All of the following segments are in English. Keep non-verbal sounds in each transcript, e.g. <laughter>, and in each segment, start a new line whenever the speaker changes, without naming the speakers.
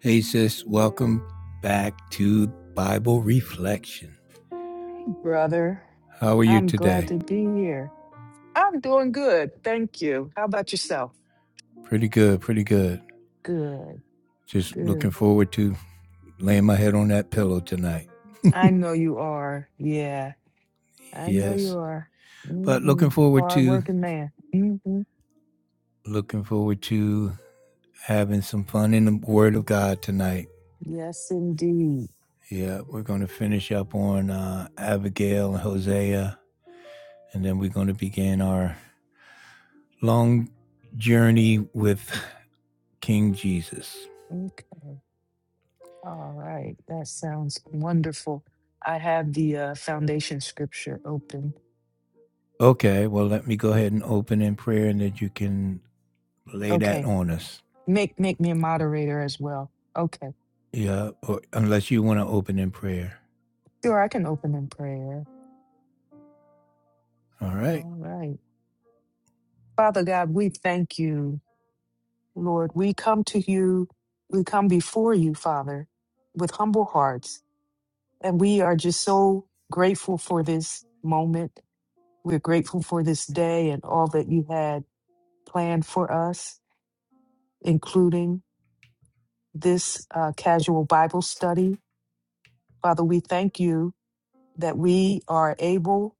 Hey, sis, welcome back to Bible Reflection.
brother.
How are you
I'm glad
today?
to be here. I'm doing good. Thank you. How about yourself?
Pretty good, pretty good.
Good,
Just looking
good.
forward to laying my head on that pillow tonight.
I know you are. Yeah, I know you
Yes.
are.
But
Mm-hmm.
looking forward
Hard
to,
working man. Mm-hmm.
looking forward to having some fun in the Word of God tonight.
Yes, indeed.
Yeah, we're going to finish up on uh, Abigail and Hosea, and then we're going to begin our long journey with King Jesus.
Okay. All right. That sounds wonderful. I have the uh, foundation scripture open.
Okay, well, let me go ahead and open in prayer and then you can lay that
Okay.
on us.
Make make me a moderator as well. Okay.
Yeah, or unless you want to open in prayer.
Sure, I can open in prayer.
All right.
All right. Father God, we thank you. Lord, we come to you, we come before you, Father, with humble hearts. And we are just so grateful for this moment. We're grateful for this day and all that you had planned for us, including this uh, casual Bible study. Father, we thank you that we are able,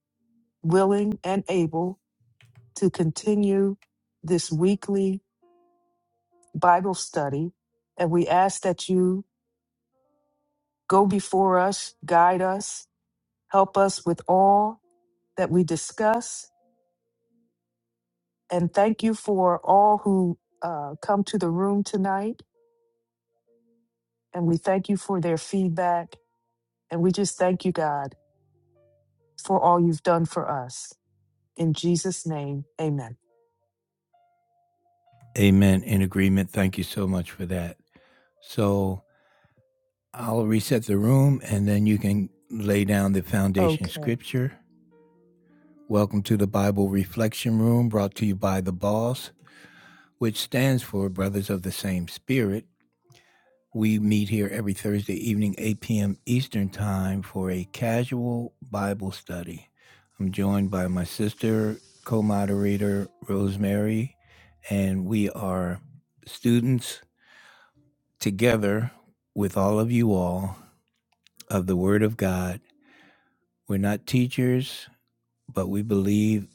willing, and able to continue this weekly Bible study. And we ask that you go before us, guide us, Help us with all that we discuss. And thank you for all who uh, come to the room tonight. And we thank you for their feedback. And we just thank you, God, for all you've done for us. In Jesus' name, amen.
Amen. In agreement. Thank you so much for that. So I'll reset the room and then you can lay down the foundation
Okay.
scripture. Welcome to the Bible Reflection Room brought to you by the BOSS, which stands for Brothers of the Same Spirit. We meet here every Thursday evening, 8 p.m. Eastern Time, for a casual Bible study. I'm joined by my sister, co moderator, Rosemary, and we are students together with all of you all of the Word of God. We're not teachers, but we believe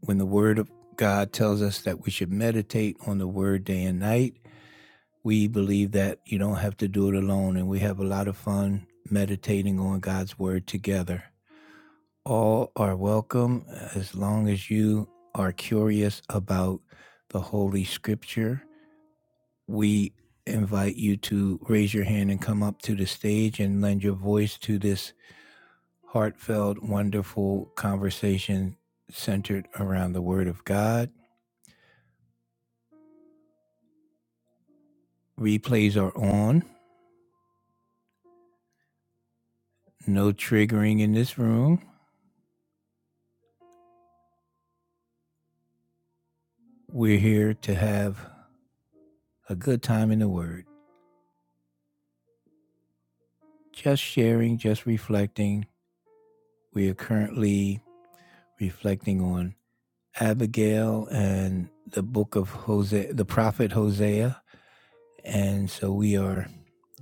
when the Word of God tells us that we should meditate on the Word day and night we believe that you don't have to do it alone, and we have a lot of fun meditating on God's Word together. All are welcome as long as you are curious about the Holy Scripture. We invite you to raise your hand and come up to the stage and lend your voice to this heartfelt, wonderful conversation centered around the Word of God. Replays are on, no triggering in this room. We're here to have a good time in the Word, just sharing, just reflecting. We are currently reflecting on Abigail and the book of Hosea, the prophet Hosea. And so we are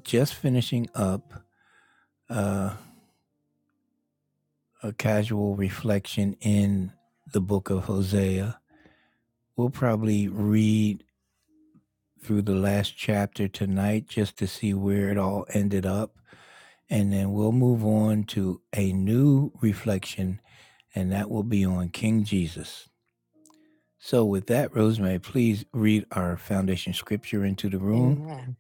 just finishing up uh, a casual reflection in the book of Hosea. We'll probably read through the last chapter tonight just to see where it all ended up. And then we'll move on to a new reflection and that will be on King Jesus. So, with that, Rosemary, please read our foundation scripture into the room
Amen.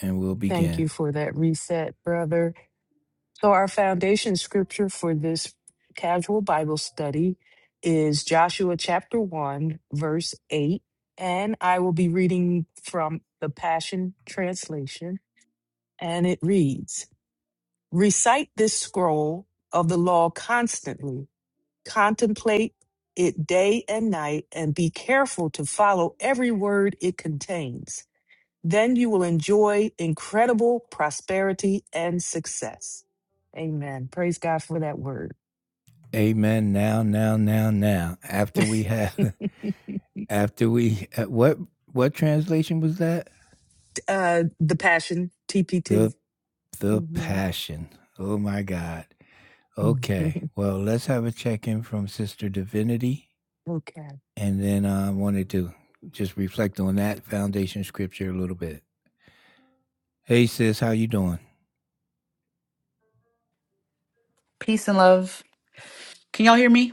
and we'll
Thank
begin.
you for that reset, brother. So, our foundation scripture for this casual Bible study is Joshua chapter 1, verse 8. And I will be reading from the Passion Translation. And it reads Recite this scroll of the law constantly, contemplate it day and night, and be careful to follow every word it contains. Then you will enjoy incredible prosperity and success. Amen. Praise God for that word.
Amen. Now, now, now, now. After we have, <laughs> after we, uh, what, what translation was that?
Uh, the passion, TPT.
The, the
hmm
passion. Oh my God.
<laughs>
Okay. Well, let's have a check in from Sister Divinity.
okay.
And then uh, I wanted to just reflect on that foundation scripture a little bit. Hey, sis, how you doing?
Peace and love. Can y'all hear me?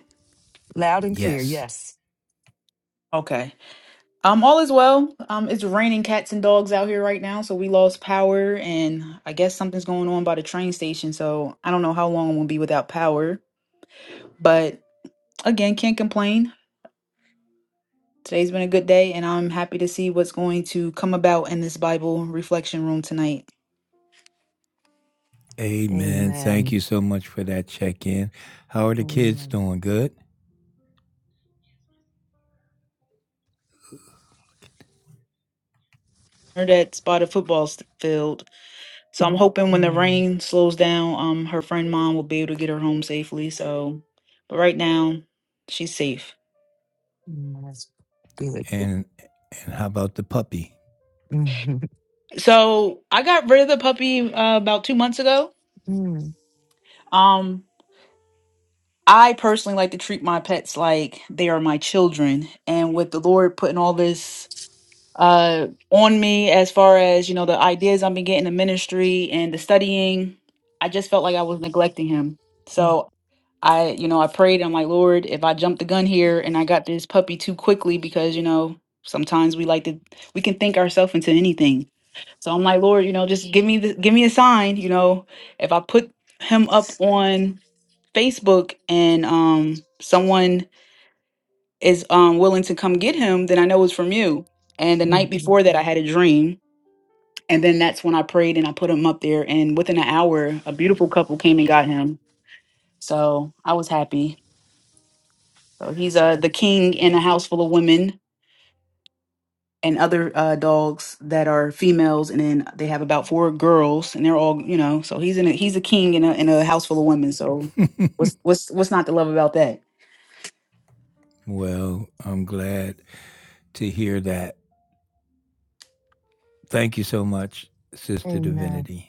Loud and clear.
Yes.
Yes.
Okay. Um, all is well. Um, it's raining cats and dogs out here right now, so we lost power, and I guess something's going on by the train station. So I don't know how long we'll be without power, but again, can't complain. Today's been a good day, and I'm happy to see what's going to come about in this Bible reflection room tonight.
Amen. Thank
Amen.
you so much for that check in. How are the kids
Amen.
doing? Good.
Her that spotted football st- field, so I'm hoping when the
Mm,
rain slows down, um, her friend mom will be able to get her home safely. So, but right now, she's safe.
mm, that's good.
And and how about the puppy?
<laughs>
So I got rid of the puppy uh, about two months ago.
Mm,
Um, I personally like to treat my pets like they are my children, and with the Lord putting all this uh on me as far as you know the ideas I've been getting in ministry and the studying, I just felt like I was neglecting him.
mm,
So I, you know, I prayed. I'm like, Lord, if I jumped the gun here and I got this puppy too quickly, because you know sometimes we like to we can think ourselves into anything So I'm like, Lord, you know, just give me the give me a sign, you know, if I put him up on Facebook and um someone is um willing to come get him, then I know it's from you. And the
mm,
night
mm.
before that I had a dream. And then that's when I prayed and I put him up there and within an hour a beautiful couple came and got him. So I was happy. So he's uh the king in a house full of women and other uh, dogs that are females, and then they have about four girls, and they're all you know. So he's in a, he's a king in a in a house full of women. So
<laughs>
what's what's what's not to love about that?
well, I'm glad to hear that. Thank you so much, Sister
Amen.
Divinity.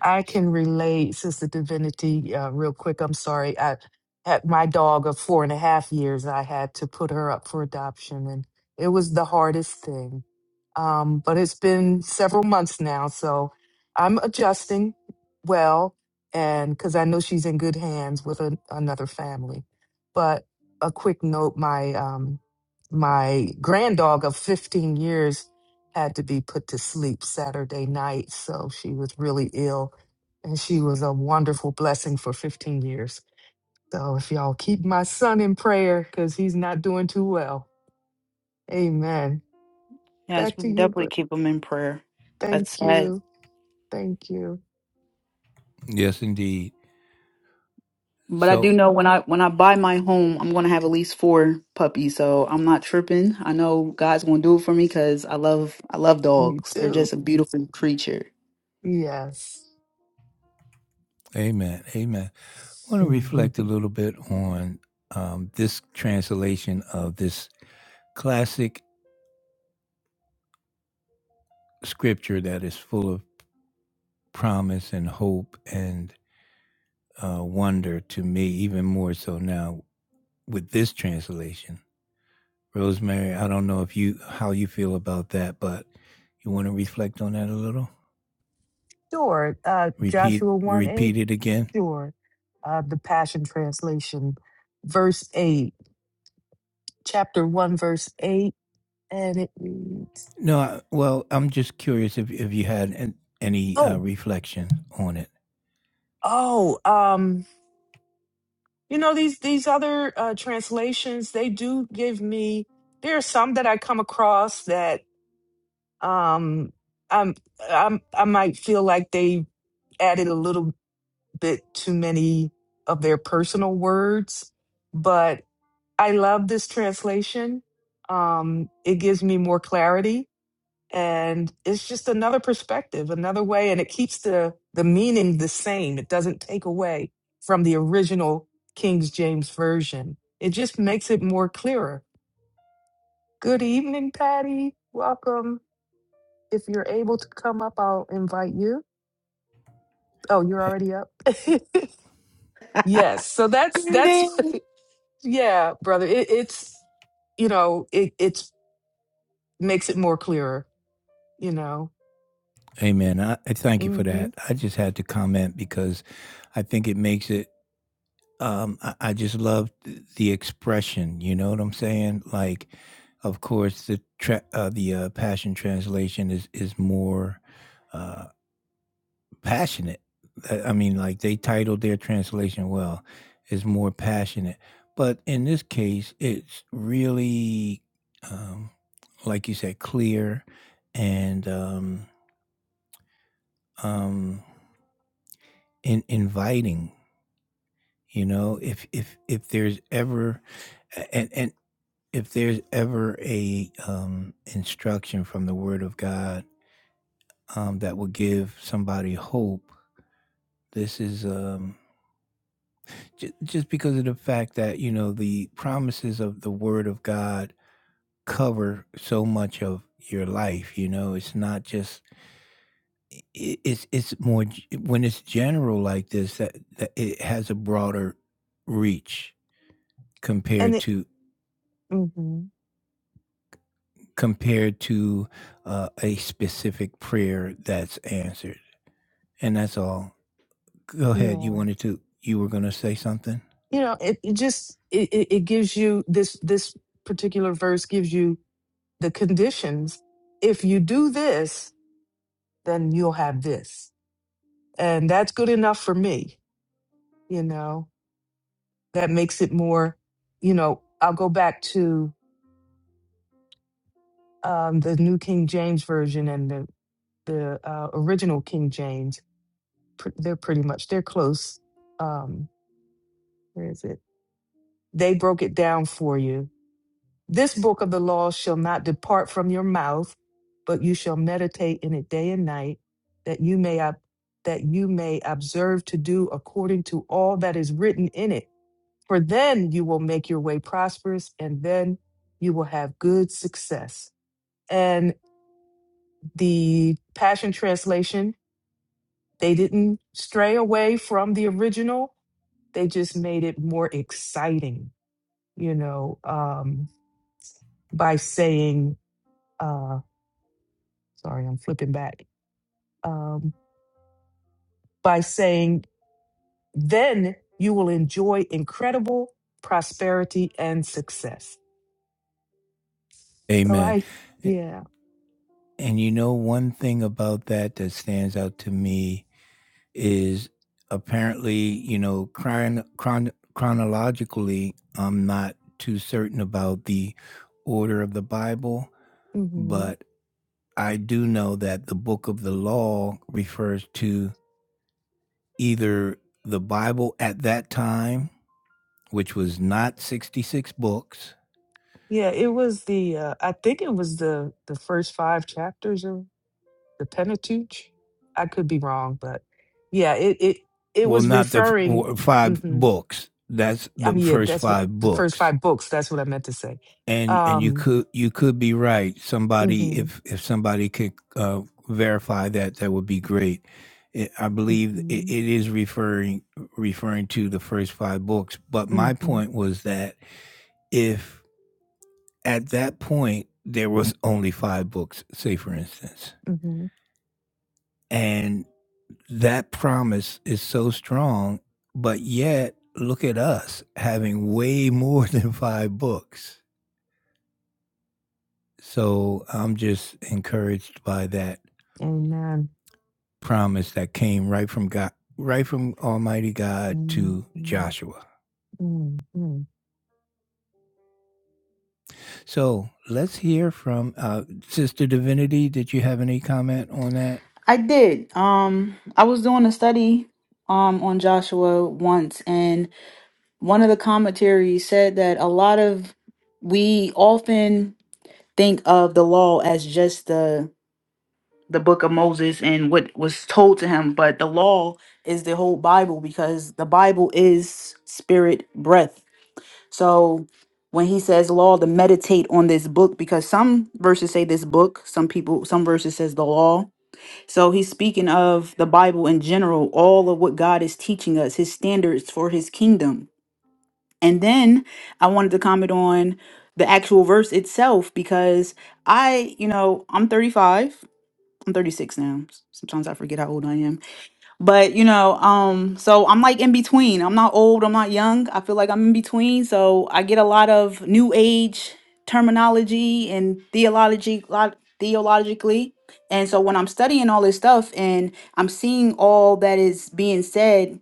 I
S-
can relate, Sister Divinity, uh, real quick. I'm sorry. I had my dog of four and a half years. I had to put her up for adoption, and it was the hardest thing. Um, but it's been several months now, so I'm adjusting well, and because I know she's in good hands with an another family. But a quick note: my um, my grand dog of 15 years had to be put to sleep Saturday night, so she was really ill and she was a wonderful blessing for 15 years. So if y'all keep my son in prayer, because he's not doing too well. Amen.
Yes,
Back
we
to you,
definitely
but
keep them in prayer. That's
thank
sad.
you. Thank you.
Yes, indeed.
But I do
So,
know when I when I buy my home, I'm gonna have at least four puppies. So I'm not tripping. I know God's gonna do it for me because I love I love
Me
dogs. They're
too.
just a beautiful creature.
Yes. <laughs>
amen. Amen. I want to
Mhm.
reflect a little bit on um, this translation of this classic scripture that is full of promise and hope and uh, wonder to me, even more so now with this translation. Rosemary, I don't know if you how you feel about that, but you want to reflect on that a little.
sure. Uh,
Repeat,
Joshua 1 8.
repeat it again.
Sure. Uh, the Passion Translation, verse 8, chapter 1, verse 8. And it reads,
No, I, well, I'm just curious if, if you had an, any uh,
Oh,
reflection on it.
oh, um, you know these these other uh, translations they do give me there are some that i come across that um i'm i'm i might feel like they added a little bit too many of their personal words but i love this translation um it gives me more clarity and it's just another perspective another way and it keeps the the meaning the same it doesn't take away from the original king james version it just makes it more clearer good evening patty welcome if you're able to come up i'll invite you oh you're already up <laughs> yes so that's that's
Greeting.
<laughs> yeah brother it, it's you know it it's makes it more clearer you know
Amen. I, I thank you for
hmm
that. I just had to comment because I think it makes it um, I, I just love th- the expression. You know what I'm saying? Like, of course, the tra- uh, the uh, Passion Translation is is more uh, passionate. I I mean, like they titled their translation well, is more passionate. But in this case, it's really, um, like you said, clear and um, um, in- inviting. You know, if if if there's ever, and and if there's ever a um, instruction from the Word of God um, that will give somebody hope, this is um, j- just because of the fact that you know the promises of the Word of God cover so much of your life. You know, it's not just i- it's it's more when it's general like this that, that it has a broader reach
and
compared
it
to
hmm
compared to uh, a specific prayer that's answered And that's all. Go ahead.
yeah
You wanted to, you were going to say something?
you know it, it just it, it it gives you this this particular verse gives you the conditions if you do this then you'll have this and that's good enough for me you know that makes it more you know i'll go back to um, the new king james version and the the uh, original king james pr- they're pretty much they're close um where is it they broke it down for you This book of the law shall not depart from your mouth, but you shall meditate in it day and night, that you may ob- that you may observe to do according to all that is written in it. For then you will make your way prosperous, and then you will have good success. And the Passion Translation, they didn't stray away from the original. They just made it more exciting, you know, um, by saying. uh, sorry, I'm flipping back, um, by saying, then you will enjoy incredible prosperity and success. So
Amen.
I,
And,
yeah,
and you know, one thing about that that stands out to me is apparently, you know, chron- chron- chronologically, I'm not too certain about the order of the Bible,
hmm
but I do know that the book of the law refers to either the Bible at that time, which was not 66 books,
yeah, it was the, uh, I think it was the the first five chapters of the Pentateuch. I could be wrong, but yeah, it it it
well,
was
not the f-
referring.
w- five
hmm
books. That's
I
the
mean, yeah,
first
that's what
five
the first
books.
five books. That's what I meant to say.
and and you
Um,
could you could be right somebody
hmm
if if somebody could uh verify that that would be great it, i believe it, it
hmm
is referring referring to the first five books but my
hmm
point was that if at that point there was only five books say for instance
hmm
and that promise is so strong but yet look at us having way more <laughs> than five books so i'm just encouraged by that
Amen.
promise that came right from God, right from Almighty God to
Amen.
Joshua. So let's hear from uh, Sister Divinity. Did you have any comment on that?
I did. Um, I was doing a study um on Joshua once, and one of the commentaries said that a lot of we often think of the law as just the the book of Moses and what was told to him, but the law is the whole Bible because the Bible is spirit breath. So when he says law to meditate on this book because some verses say this book, some people some verses says the law. So he's speaking of the Bible in general, all of what God is teaching us, his standards for his kingdom and then I wanted to comment on the actual verse itself because I, you know, I'm 35. I'm 36 now. S- Sometimes I forget how old I am. But, you know, um so I'm like in between. I'm not old, I'm not young. I feel like I'm in between, so I get a lot of new age terminology and theology lot theologically. And so when I'm studying all this stuff and I'm seeing all that is being said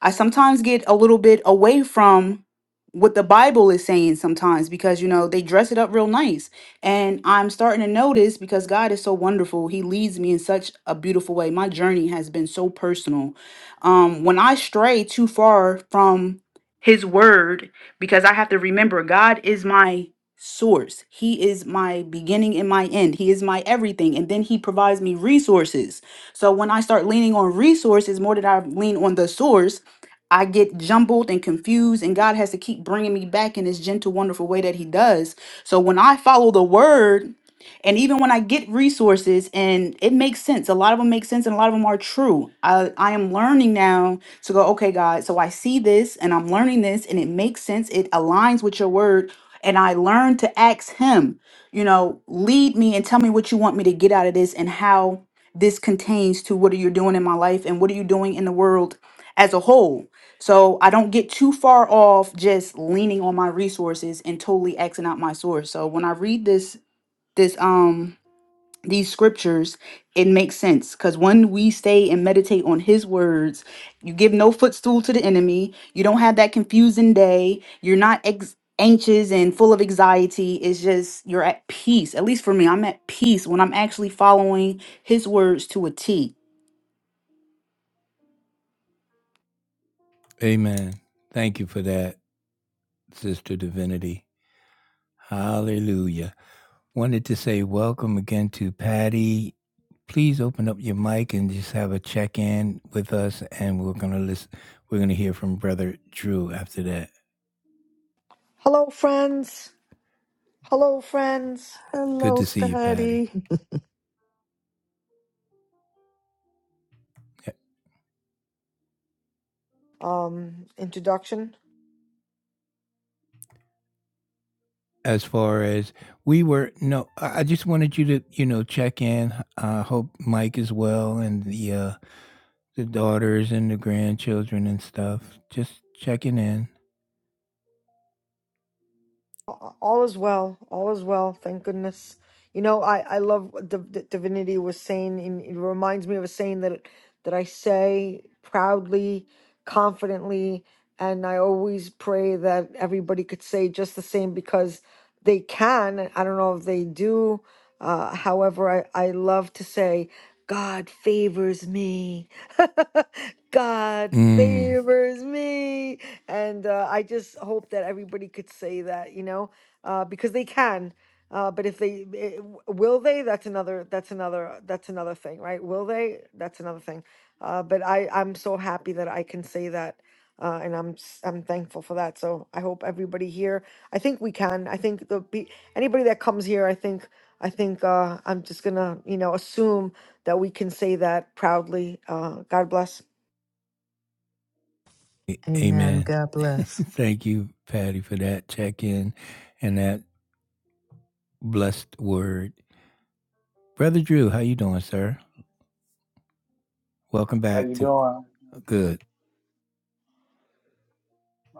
I sometimes get a little bit away from what the Bible is saying sometimes because, you know, they dress it up real nice. And I'm starting to notice because God is so wonderful. He leads me in such a beautiful way. My journey has been so personal. Um, when I stray too far from His word, because I have to remember God is my source, He is my beginning and my end, He is my everything. And then He provides me resources. So when I start leaning on resources more than I lean on the source, I get jumbled and confused, and God has to keep bringing me back in this gentle, wonderful way that He does. So when I follow the word, and even when I get resources, and it makes sense, a lot of them make sense, and a lot of them are true. I, I am learning now to go, okay, God, so I see this, and I'm learning this, and it makes sense. It aligns with your word, and I learn to ask Him, you know, lead me and tell me what you want me to get out of this, and how this contains to what are you doing in my life, and what are you doing in the world as a whole so I don't get too far off just leaning on my resources and totally Xing out my source. So when I read this, this, um, these scriptures, it makes sense because when we stay and meditate on his words, you give no footstool to the enemy, you don't have that confusing day, you're not ex- anxious and full of anxiety. It's just you're at peace. At least for me, I'm at peace when I'm actually following his words to a T.
Amen. Thank you for that, Sister Divinity. Hallelujah. Wanted to say welcome again to Patty. Please open up your mic and just have a check in with us, and we're gonna listen. We're gonna hear from Brother Drew after that.
Hello, friends. Hello, friends.
Good
Hello,
to see you, Patty.
Fatty.
Um, introduction.
as far as we were no i I just wanted you to you know check in i hope mike is well and the uh the daughters and the grandchildren and stuff just checking in
A- All is well. All is well. Thank goodness. You know, I I love what Div- Div- divinity was saying. And it reminds me of a saying that that I say proudly, confidently, and I always pray that everybody could say just the same because. they can. I don't know if they do. Uh, however, I, I love to say, God favors me. <laughs> God
mm,
favors me. And uh, I just hope that everybody could say that, you know, uh, because they can. Uh, but if they eh, w- will they that's another that's another that's another thing right will they that's another thing uh, but i i'm so happy that i can say that uh, and i'm s- i'm thankful for that so i hope everybody here I think we can. I think the be anybody that comes here, I think I think uh I'm just gonna, you know, assume that we can say that proudly. Uh God bless.
<laughs>
a-
Amen.
amen
God
<laughs>
bless.
thank you patty for that check in and that blessed word brother drew how you doing sir welcome
How
back
you
to
doing?
good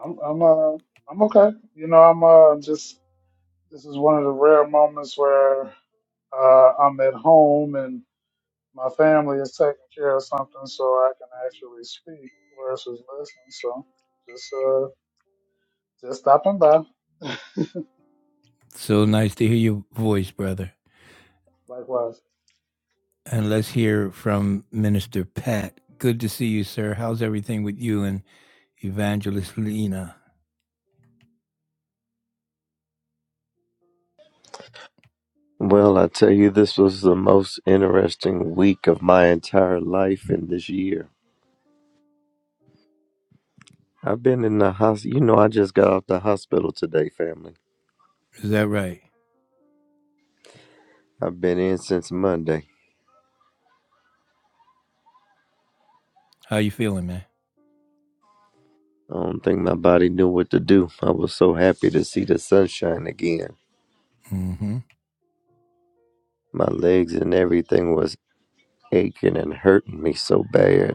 I'm I'm uh I'm okay. You know, I'm uh just this is one of the rare moments where uh I'm at home and my family is taking care of something so I can actually speak versus listen. So just uh just stopping by.
so nice to hear your voice brother
Likewise.
and let's hear from minister pat good to see you sir how's everything with you Evangelist Lena.
Well, I tell you, this was the most interesting week of my entire life in this year. I've been in the hospital. You know, I just got off the hospital today, family.
Is that right?
I've been in since Monday.
How you feeling, man?
I don't think my body knew what to do. I was so happy to see the sunshine again.
Mm-hmm.
My legs and everything was aching and hurting me so bad.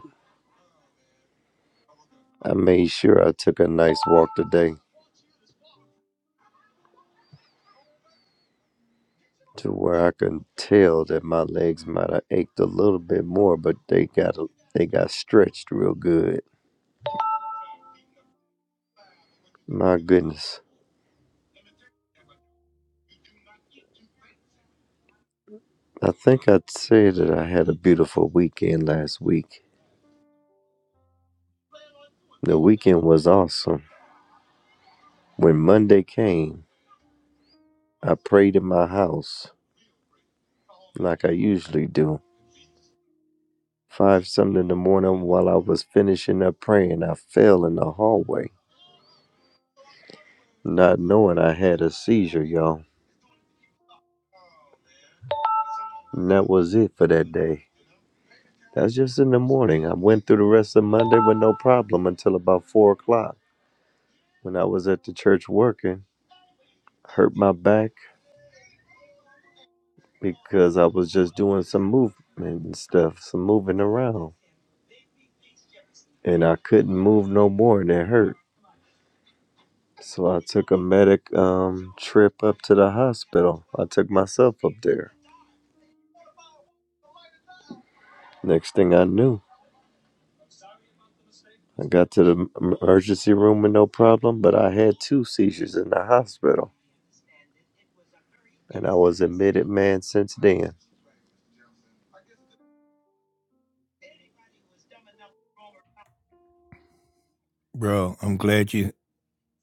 I made sure I took a nice walk today to where I could tell that my legs might have ached a little bit more, but they got they got stretched real good. My goodness. I think I'd say that I had a beautiful weekend last week. The weekend was awesome. When Monday came, I prayed in my house like I usually do. Five something in the morning while I was finishing up praying, I fell in the hallway, not knowing I had a seizure, y'all. And that was it for that day. That's just in the morning. I went through the rest of Monday with no problem until about four o'clock when I was at the church working. Hurt my back because I was just doing some movement and stuff, some moving around, and I couldn't move no more, and it hurt. So I took a medic um, trip up to the hospital. I took myself up there. Next thing I knew, I got to the emergency room with no problem, but I had two seizures in the hospital, and I was admitted, man, since then.
Bro, I'm glad you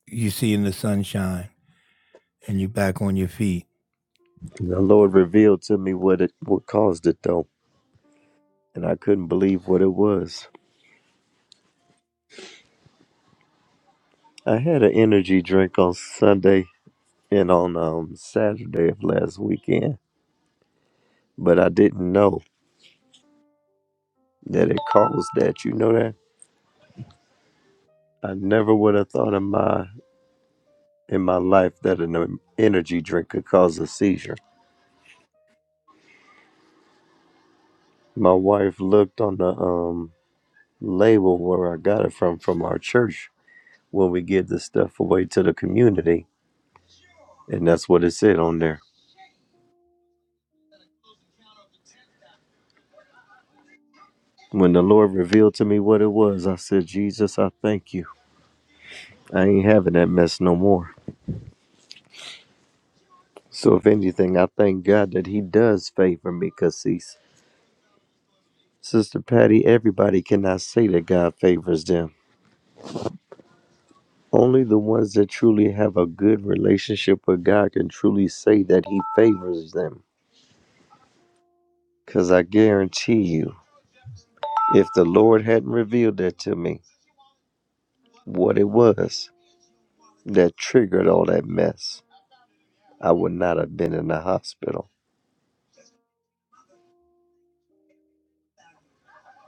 you seeing the sunshine and you back on your feet,
And the Lord revealed to me what it what caused it though, and I couldn't believe what it was. I had an energy drink on Sunday and on um, Saturday of last weekend, but I didn't know that it caused that. You know that I never would have thought in my in my life that an em- energy drink could cause a seizure. My wife looked on the um, label where I got it from from our church when we give this stuff away to the community, and that's what it said on there. When the Lord revealed to me what it was, I said, Jesus, I thank you. I ain't having that mess no more. So, if anything, I thank God that He does favor me because He's Sister Patty. Everybody cannot say that God favors them. Only the ones that truly have a good relationship with God can truly say that He favors them. Because I guarantee you, if the Lord hadn't revealed that to me, what it was that triggered all that mess, I would not have been in the hospital.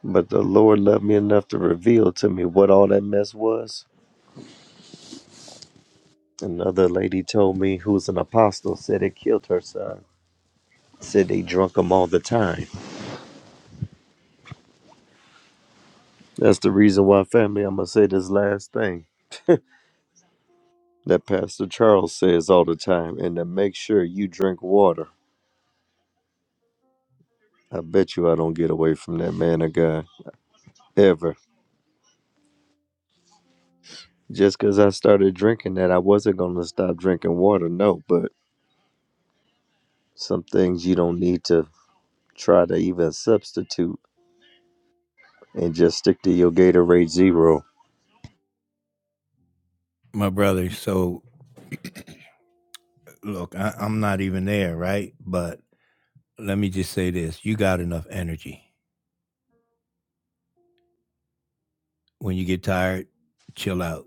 But the Lord loved me enough to reveal to me what all that mess was Another lady told me who's an apostle said it killed her son. Said they drunk him all the time. That's the reason why, family, I'm going to say this last thing that Pastor Charles says all the time and to make sure you drink water. I bet you I don't get away from that man of God ever. Just because I started drinking that, I wasn't going to stop drinking water. No, but some things you don't need to try to even substitute and just stick to your Gatorade Zero.
my brother. So look, I, I'm not even there, right? But let me just say this: you got enough energy. When you get tired, chill out.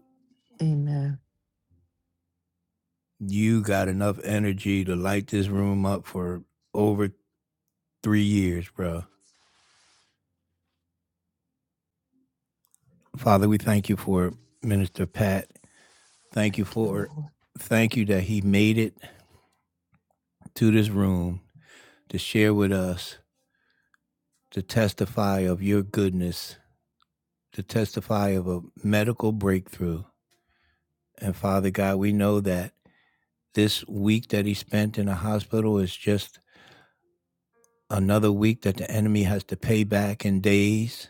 Amen.
You got enough energy to light this room up for over three years, bro. Father, we thank you for Minister Pat. Thank you
Thank you,
for
Lord.
thank you that he made it to this room to share with us, to testify of your goodness, to testify of a medical breakthrough. And Father God, we know that this week that he spent in a hospital is just another week that the enemy has to pay back in days.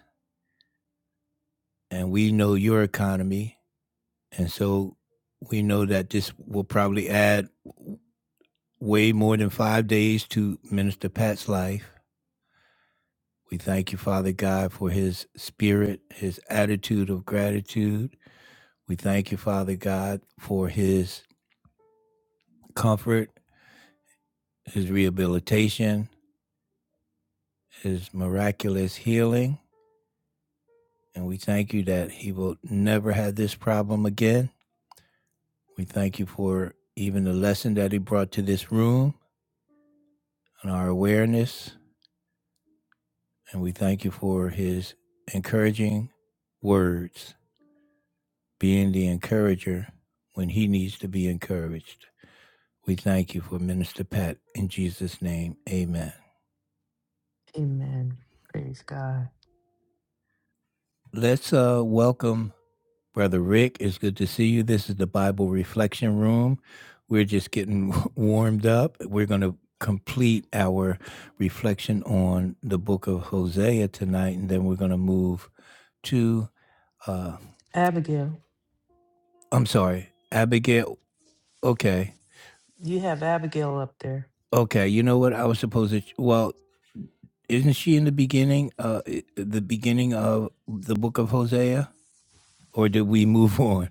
And we know your economy. And so we know that this will probably add way more than five days to Minister Pat's life. We thank you, Father God, for his spirit, his attitude of gratitude. We thank you, Father God, for his comfort, his rehabilitation, his miraculous healing. And we thank you that he will never have this problem again. We thank you for even the lesson that he brought to this room and our awareness. And we thank you for his encouraging words, being the encourager when he needs to be encouraged. We thank you for Minister Pat. In Jesus' name, amen.
Amen. Praise God.
Let's uh, welcome Brother Rick. It's good to see you. This is the Bible Reflection Room. We're just getting <laughs> warmed up. We're going to complete our reflection on the book of Hosea tonight, and then we're going to move to, uh,
Abigail,
I'm sorry, Abigail. Okay.
you have Abigail up there.
Okay. You know what? I was supposed to, well, isn't she in the beginning, uh, the beginning of the book of Hosea? or did we move on?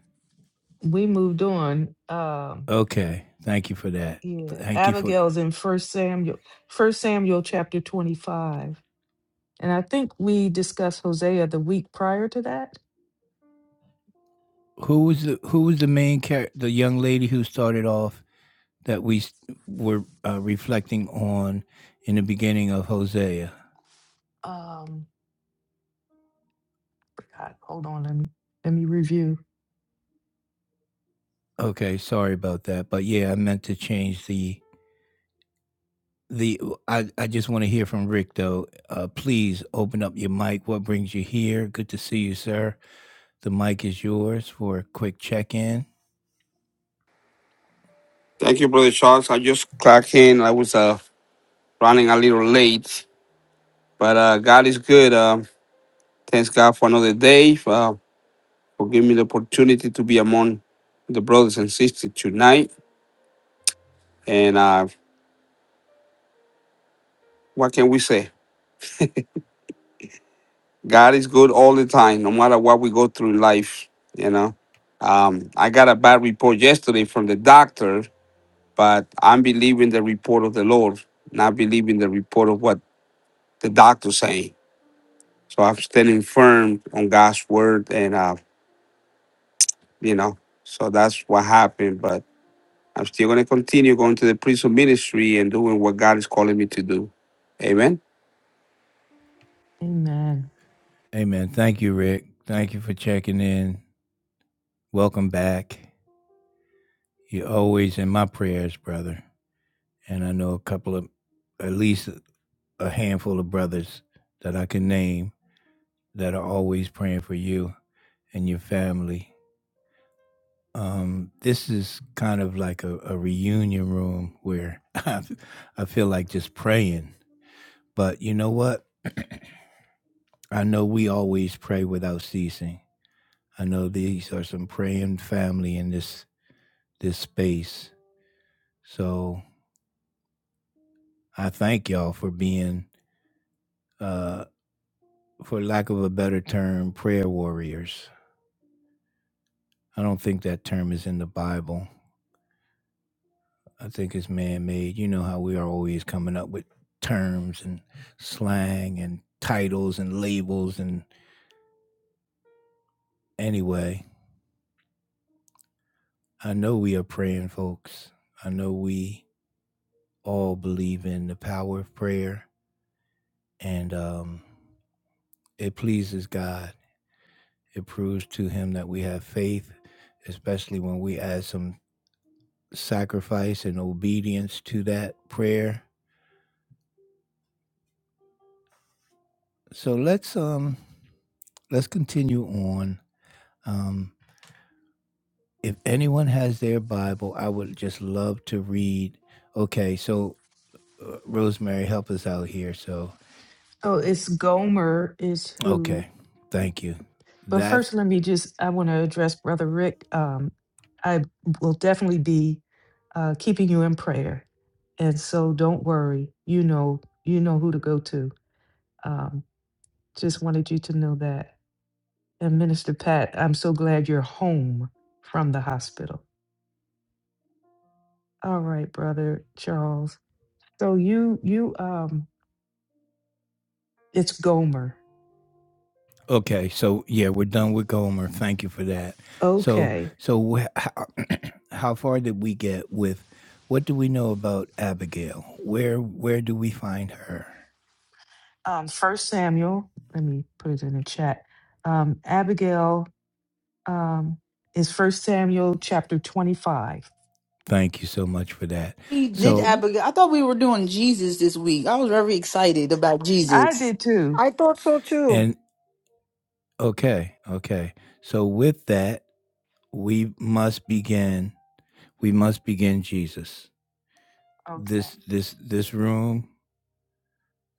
We moved on. Um,
Okay, thank you for that.
yeah,
Thank you for
Abigail's in First Samuel, First Samuel chapter twenty-five, and I think we discussed Hosea the week prior to that.
who was the who was the main character, the young lady who started off that we were uh, reflecting on in the beginning of Hosea.
Um, forgot. Hold on, let me let me review.
Okay, sorry about that, but yeah, I meant to change the the. I I just want to hear from Rick though. Uh, please open up your mic. What brings you here? Good to see you, sir. The mic is yours for a quick check in.
Thank you, Brother Charles. I just clocked in. I was uh, running a little late, but uh, God is good. Um thanks God for another day, uh, for giving me the opportunity to be among the brothers and sisters tonight. And uh, what can we say? God is good all the time, no matter what we go through in life, you know. Um, I got a bad report yesterday from the doctor, but I'm believing the report of the Lord, not believing the report of what the doctor's saying So I'm standing firm on God's word, and uh, you know, so that's what happened. But I'm still going to continue going to the prison ministry and doing what God is calling me to do. Amen.
Amen.
Amen. Thank you, Rick. Thank you for checking in. Welcome back. You're always in my prayers, brother. And I know a couple of, at least a handful of brothers that I can name that are always praying for you and your family. Um, this is kind of like a, a reunion room where <laughs> I, I feel like just praying. But you know what? <clears throat> I know we always pray without ceasing. I know these are some praying family in this this space. So I thank y'all for being. Uh, for lack of a better term, prayer warriors. I don't think that term is in the Bible. I think it's man made. You know how we are always coming up with terms and slang and titles and labels. And anyway, I know we are praying folks. I know we all believe in the power of prayer and um, it pleases God. It proves to Him that we have faith, especially when we add some sacrifice and obedience to that prayer so let's um let's continue on. Um, if anyone has their Bible, I would just love to read. Okay, so uh, Rosemary, help us out here. So,
Oh, it's Gomer is who?
okay, thank you.
But
That's
first, let me just, I want to address Brother Rick. Um, I will definitely be uh, keeping you in prayer. And so don't worry, you know, you know who to go to. Um, just wanted you to know that. And Minister Pat, I'm so glad you're home from the hospital. All right, brother Charles. So you you um it's Gomer.
okay. So, yeah, we're done with Gomer. Thank you for that. So,
Okay.
so wh- how, <clears throat> how far did we get with? What do we know about Abigail? Where where do we find her?
Um first Samuel, let me put it in the chat. Um Abigail um, is First Samuel chapter 25.
Thank you so much for that.
We did
So,
hmm
Abigail. I thought we were doing Jesus this week. I was very excited about
I
Jesus.
did too.
I thought so too.
and Okay, okay. So with that, we must begin. We must begin Jesus.
Okay.
This this this room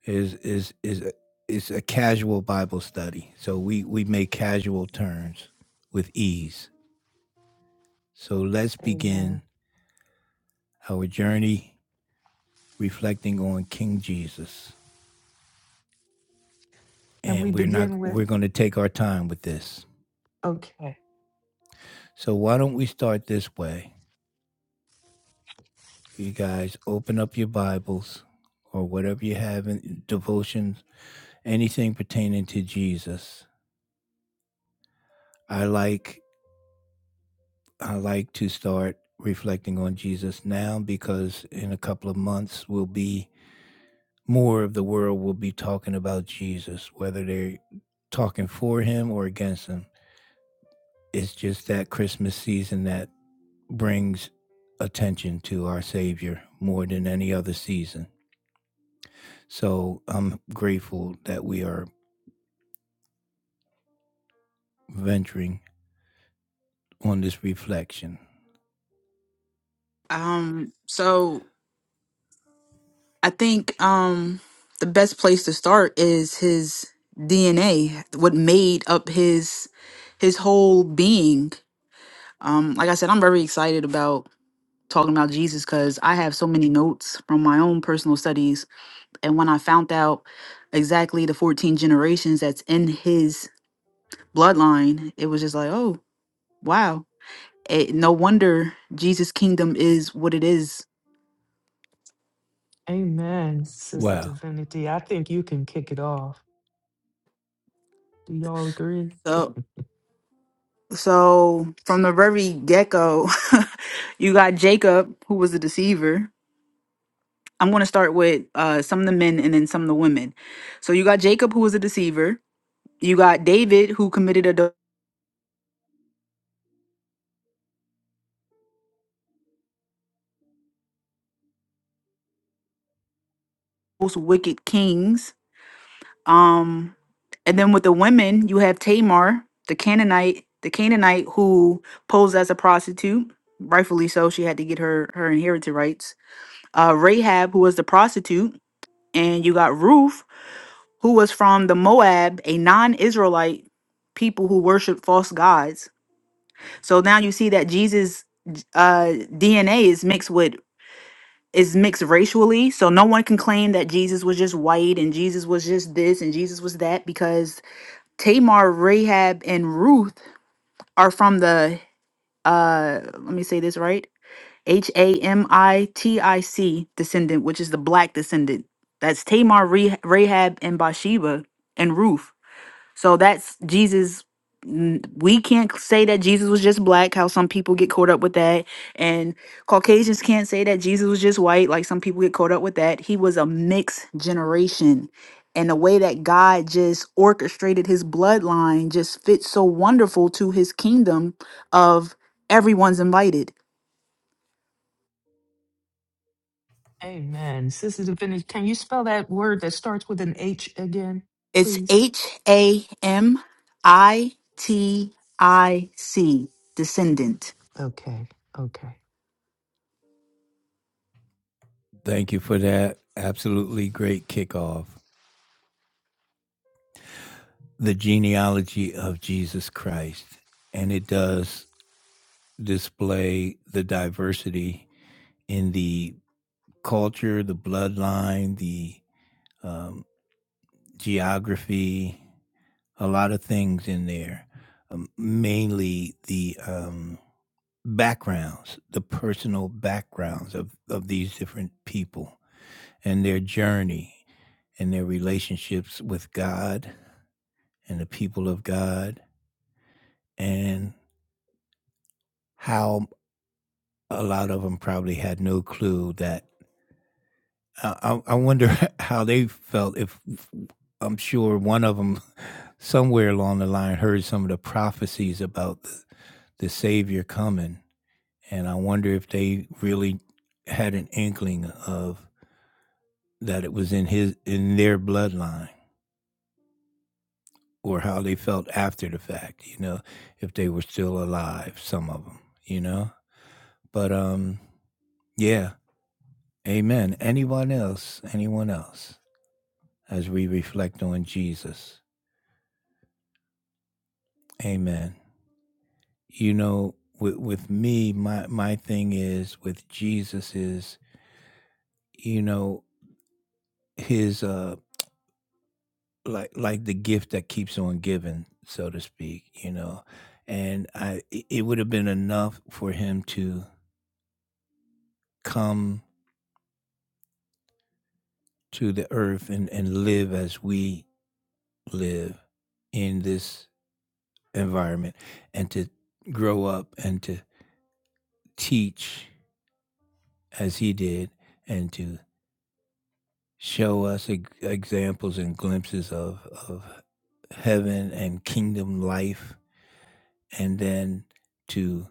is is is a, is a casual Bible study. So we we make casual turns with ease. So let's
Amen.
begin our journey reflecting on King Jesus.
And we
And we're not
begin with,
we're going to take our time with this.
okay.
So why don't we start this way? you guys open up your Bibles or whatever you have in devotions, anything pertaining to Jesus. I like I like to start reflecting on Jesus now because in a couple of months we'll be more of the world will be talking about Jesus, whether they're talking for him or against him. It's just that Christmas season that brings attention to our Savior more than any other season. So I'm grateful that we are venturing on this reflection.
Um, so I think um the best place to start is his DNA, what made up his his whole being. Um, like I said, I'm very excited about talking about Jesus because I have so many notes from my own personal studies. And when I found out exactly the 14 generations that's in his bloodline, it was just like, oh wow eh, no wonder Jesus' kingdom is what it is.
Amen, Sister
Wow.
Divinity. I think you can kick it off. Do y'all agree?
So, so from the very get go, <laughs> you got Jacob, who was a deceiver. I'm going to start with uh, some of the men and then some of the women. So you got Jacob, who was a deceiver. You got David, who committed adul- most wicked kings. Um, and then with the women, you have Tamar, the Canaanite, the Canaanite who posed as a prostitute. Rightfully so, she had to get her her inherited rights. uh, Rahab, who was the prostitute, and you got Ruth, who was from the Moab, a non Israelite people who worship false gods. So now you see that Jesus' uh, DNA is mixed with is mixed racially so no one can claim that jesus was just white and jesus was just this and jesus was that because tamar rahab and ruth are from the uh let me say this right H A M I T I C descendant, which is the black descendant. That's Tamar, Re- Rahab, and Bathsheba and Ruth. So that's Jesus. N- We can't say that Jesus was just black, how some people get caught up with that. And Caucasians can't say that Jesus was just white, like some people get caught up with that. He was a mixed generation. And the way that God just orchestrated his bloodline just fits so wonderful to his kingdom of everyone's invited
Amen. Sister Divinity, can you spell that word that starts with an H again,
It's
please?
H A M I T I C, descendant.
Okay. Okay.
Thank you for that. Absolutely great kickoff. The genealogy of Jesus Christ. And it does display the diversity in the culture, the bloodline, the um, geography, a lot of things in there. Um, mainly the um, backgrounds, the personal backgrounds of, of these different people and their journey and their relationships with God and the people of God, and how a lot of them probably had no clue that. I, I wonder <laughs> how they felt if I'm sure one of them <laughs> somewhere along the line heard some of the prophecies about the, the Savior coming. And I wonder if they really had an inkling of that it was in his in their bloodline. or how they felt after the fact, you know, if they were still alive, some of them, you know. But um yeah, amen. Anyone else? Anyone else as we reflect on Jesus. Amen. You know, with with me my my thing is with Jesus is, you know, his uh like like the gift that keeps on giving, so to speak, you know. And I it it would have been enough for him to come to the earth and, and live as we live in this environment and to grow up and to teach as he did and to show us e-, examples and glimpses of, of heaven and kingdom life and then to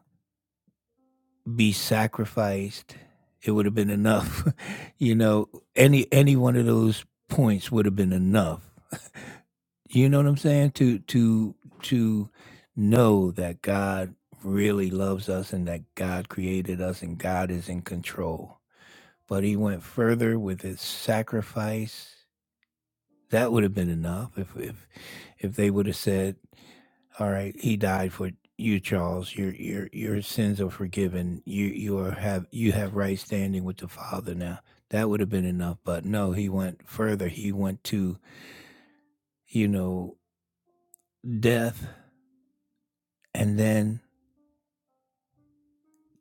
be sacrificed it would have been enough <laughs> you know any any one of those points would have been enough You know what I'm saying? To to to know that God really loves us and that God created us and God is in control. But he went further with his sacrifice. That would have been enough if if if they would have said, All right, he died for you, Charles. Your your your sins are forgiven. You you are have you have right standing with the Father now. That would have been enough. But no, he went further. He went to, you know, death And then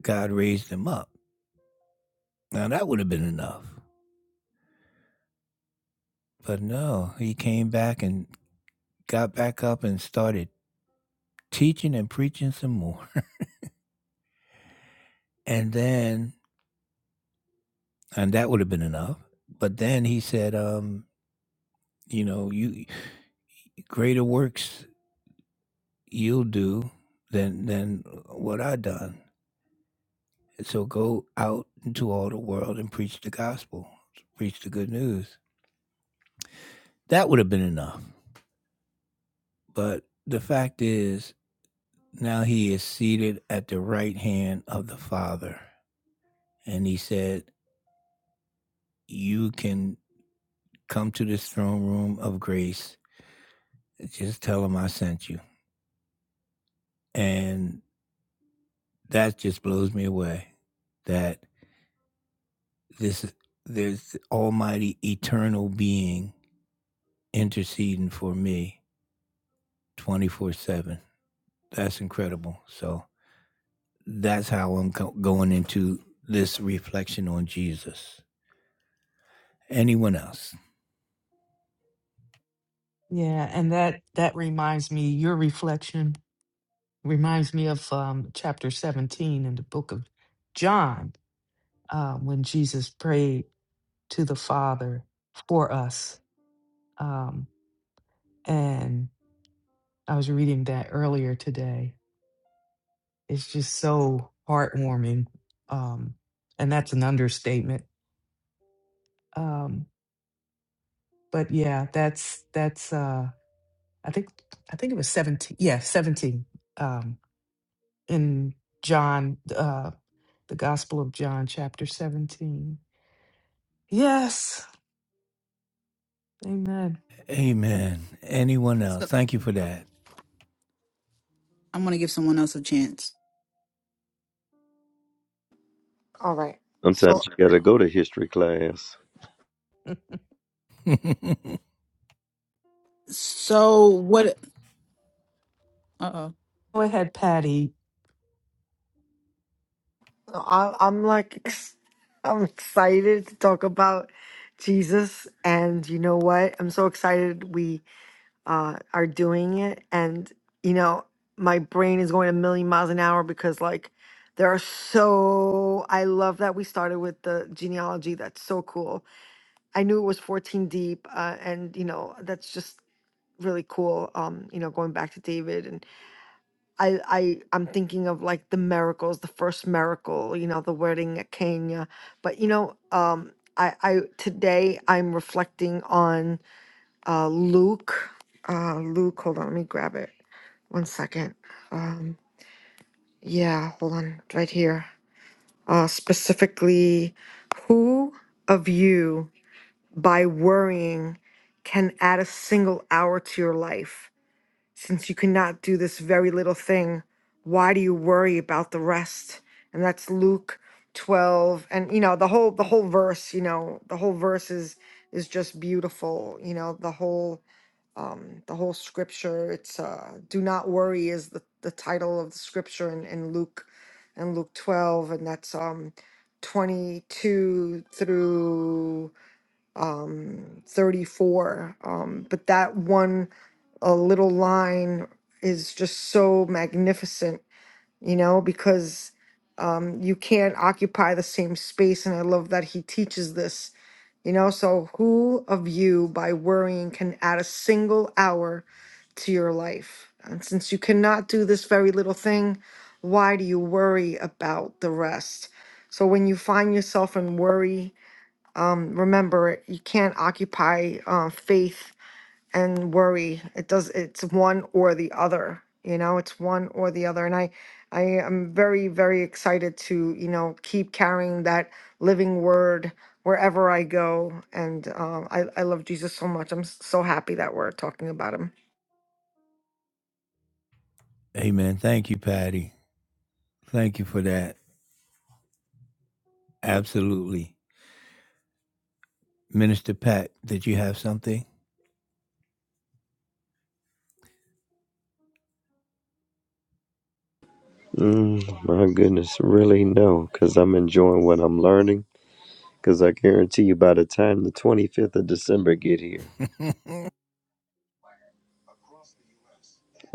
God raised him up. Now that would have been enough. But no, he came back and got back up and started teaching and preaching some more. <laughs> And then, and that would have been enough. But then he said, um, you know, you greater works you'll do than than what I done. So go out into all the world and preach the gospel, preach the good news. That would have been enough. But the fact is, Now he is seated at the right hand of the Father. And he said, You can come to this throne room of grace. Just tell him I sent you. And that just blows me away that this there's almighty eternal being interceding for me 24/7. That's incredible. So that's how I'm going into this reflection on Jesus. Anyone else?
Yeah, and that that reminds me your reflection reminds me of um chapter 17 in the book of John um, when Jesus prayed to the Father for us. Um, and I was reading that earlier today. It's just so heartwarming. Um, and that's an understatement. Um, but yeah, that's, that's, uh, I think, I think it was 17. Yeah, 17. Um, in John, uh, the Gospel of John, chapter 17. Yes. Amen.
Amen. Anyone else?
So
Thank you for that.
I'm going to give someone else a chance.
All right. So
Sometimes you got to go to history class.
<laughs> Go
<laughs>
So, what? Uh oh.
ahead, Patty.
I I'm like <laughs> ex- I'm excited to talk about Jesus and you know what? I'm so excited we uh, are doing it. And, you know, my brain is going a million miles an hour because, like, there are so, I love that we started with the genealogy. That's so cool. I knew it was 14 deep. Uh, and, you know, that's just really cool. Um, you know, going back to David and I, I, I'm thinking of like the miracles, the first miracle, you know, the wedding at Kenya. But, you know, um, I, I, today I'm reflecting on uh, Luke. Uh, Luke, hold on, let me grab it. One second. Um, yeah, hold on, right here. Uh, specifically, who of you by worrying can add a single hour to your life? Since you cannot do this very little thing, why do you worry about the rest? And that's Luke 12 and you know the whole the whole verse you know the whole verse is is just beautiful you know the whole um, the whole scripture. It's uh, "Do not worry" is the, the title of the scripture in, in Luke, and Luke twelve, and that's um, twenty two through um, thirty four. Um, but that one, a little line is just so magnificent, you know, because um, you can't occupy the same space. And I love that he teaches this you know, so who of you by worrying can add a single hour to your life? And since you cannot do this very little thing, why do you worry about the rest? So when you find yourself in worry, um, remember you can't occupy uh, faith and worry. It does it's one or the other, you know, it's one or the other. And I I am very, very excited to, you know, keep carrying that living word wherever I go. And um, I, I love Jesus so much. I'm so happy that we're talking about him.
Amen. Thank you, Patty. Thank you for that. Absolutely. Minister Pat, did you have something?
Mm, my goodness, really no, because I'm enjoying what I'm learning. Because I guarantee you, by the time the 25th of December get here,
<laughs>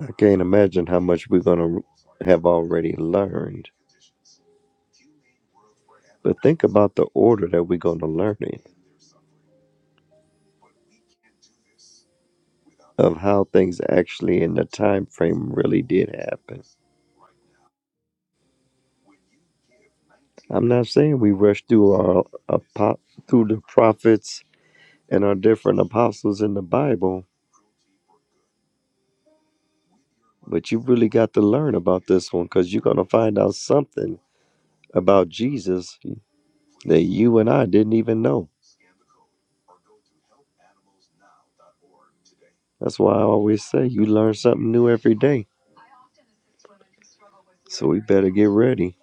I can't imagine how much we're gonna have already learned. But think about the order that we're gonna learn in, of how things actually in the time frame really did happen. I'm not saying we rush through our apo- through the prophets and our different apostles in the Bible, but you really got to learn about this one because you're gonna find out something about Jesus that you and I didn't even know. That's why I always say you learn something new every day. So we better get ready.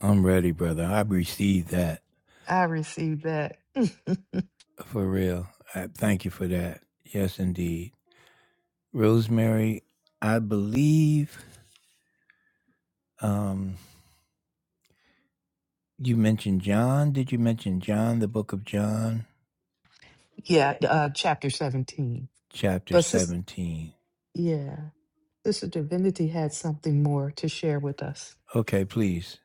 I'm ready, brother. I received that
I received that. <laughs>
for real. I thank you for that. Yes, indeed. Rosemary, I believe um, you mentioned John. Did you mention John, the book of John,
yeah, uh, chapter 17.
chapter
But sis,
17?
yeah, Sister Divinity had something more to share with us.
Okay, please.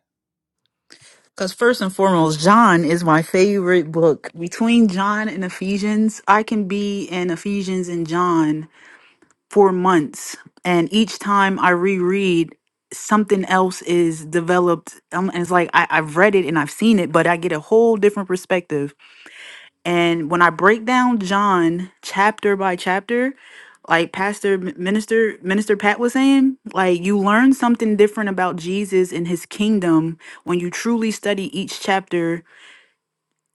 Because first and foremost, John is my favorite book. Between John and Ephesians, I can be in Ephesians and John for months. And each time I reread, something else is developed. Um, and it's like I, I've read it and I've seen it, but I get a whole different perspective And when I break down John chapter by chapter, like Pastor M- Minister Minister Pat was saying, like you learn something different about Jesus and his kingdom when you truly study each chapter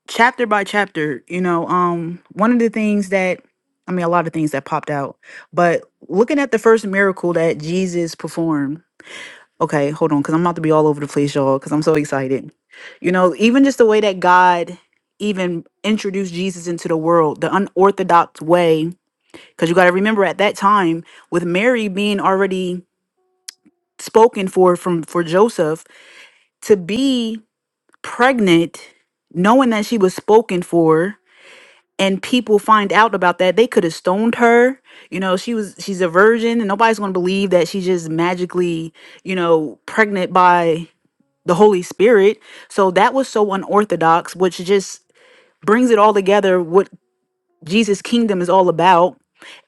chapter by chapter. You know, um one of the things that I mean a lot of things that popped out, but looking at the first miracle that Jesus performed Okay, hold on, because I'm about to be all over the place, y'all, because I'm so excited. You know, even just the way that God even introduced Jesus into the world, the unorthodox way, because you got to remember at that time, with Mary being already spoken for from for Joseph to be pregnant, knowing that she was spoken for, and people find out about that, they could have stoned her. You know, she was she's a virgin, and nobody's going to believe that she just magically, you know, pregnant by the Holy Spirit. So that was so unorthodox, which just brings it all together what Jesus' kingdom is all about.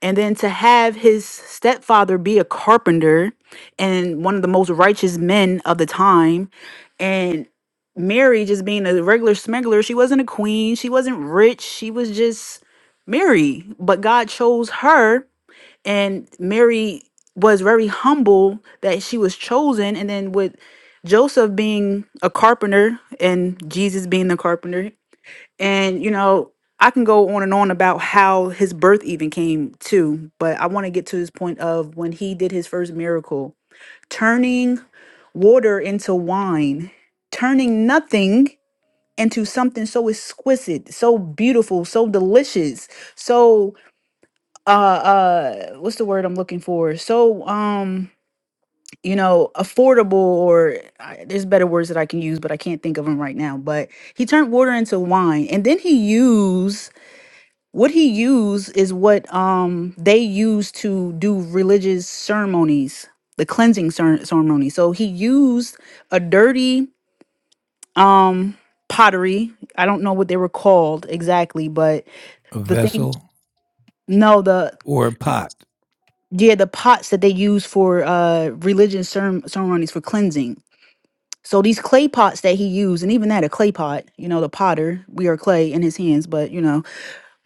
And then to have his stepfather be a carpenter and one of the most righteous men of the time, and Mary just being a regular smuggler, she wasn't a queen, she wasn't rich, she was just Mary. But God chose her and Mary was very humble that she was chosen and then with Joseph being a carpenter and Jesus being the carpenter and you know I can go on and on about how his birth even came too but I want to get to this point of when he did his first miracle turning water into wine turning nothing into something so exquisite so beautiful so delicious so uh uh what's the word i'm looking for so um you know affordable or I, there's better words that i can use but i can't think of them right now but he turned water into wine and then he used what he used is what um they used to do religious ceremonies the cleansing cer- ceremony so he used a dirty um pottery i don't know what they were called exactly but
a
the thing
vessel,
no the
or a pot.
yeah the pots that they use for uh religious cerem- ceremonies for cleansing so these clay pots that he used and even that a clay pot you know the potter we are clay in his hands but you know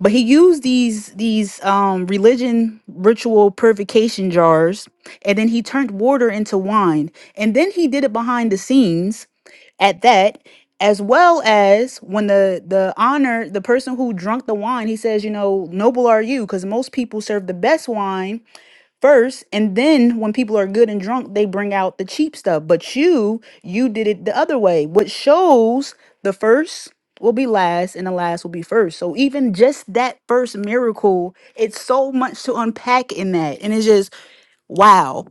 but he used these these um religion ritual purification jars and then he turned water into wine and then he did it behind the scenes at that as well as when the the honor the person who drunk the wine he says you know noble are you because most people serve the best wine first and then when people are good and drunk they bring out the cheap stuff but you you did it the other way what shows the first will be last and the last will be first so even just that first miracle it's so much to unpack in that and it's just wow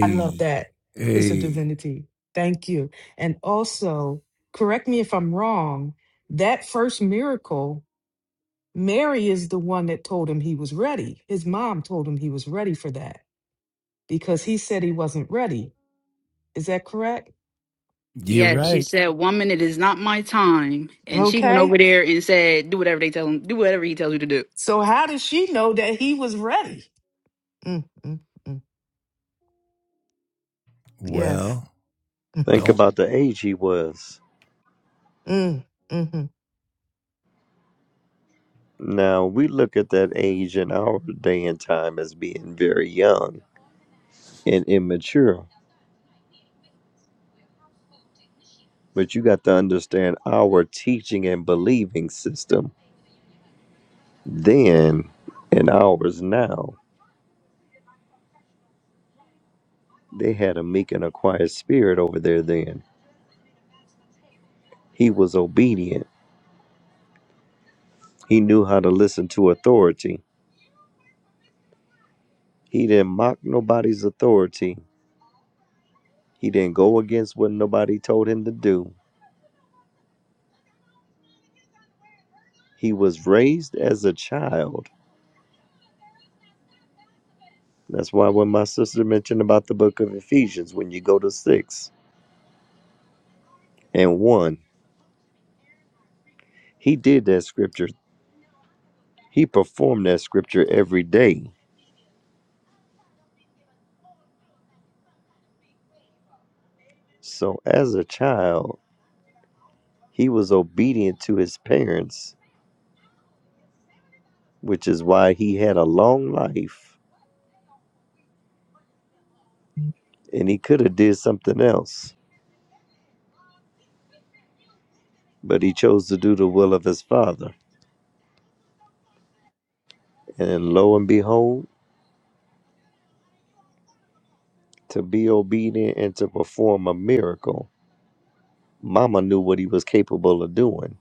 I love that, Sister
a
Divinity. Thank you. And also, correct me if I'm wrong, that first miracle, Mary is the one that told him he was ready. His mom told him he was ready for that because he said he wasn't ready. Is that correct?
you're
yeah she
right.
said woman it is not my time and she went over
Okay.
there and said do whatever they tell him do whatever he tells you to do
So, how did she know that he was ready? Mm, mm, mm. Yes.
Well,
Think about
don't
the age he was.
Mm, hmm
Now, we look at that age in our day and time as being very young and immature. But you got to understand our teaching and believing system then and ours now. They had a meek and a quiet spirit over there then. He was obedient, he knew how to listen to authority. He didn't mock nobody's authority. He didn't go against what nobody told him to do. He was raised as a child. That's why when my sister mentioned about the book of Ephesians, when you go to six and one, he did that scripture. He performed that scripture every day. So as a child, he was obedient to his parents, which is why he had a long life and he could have did something else, but he chose to do the will of his father. And lo and behold, to be obedient and to perform a miracle. Mama knew what he was capable of doing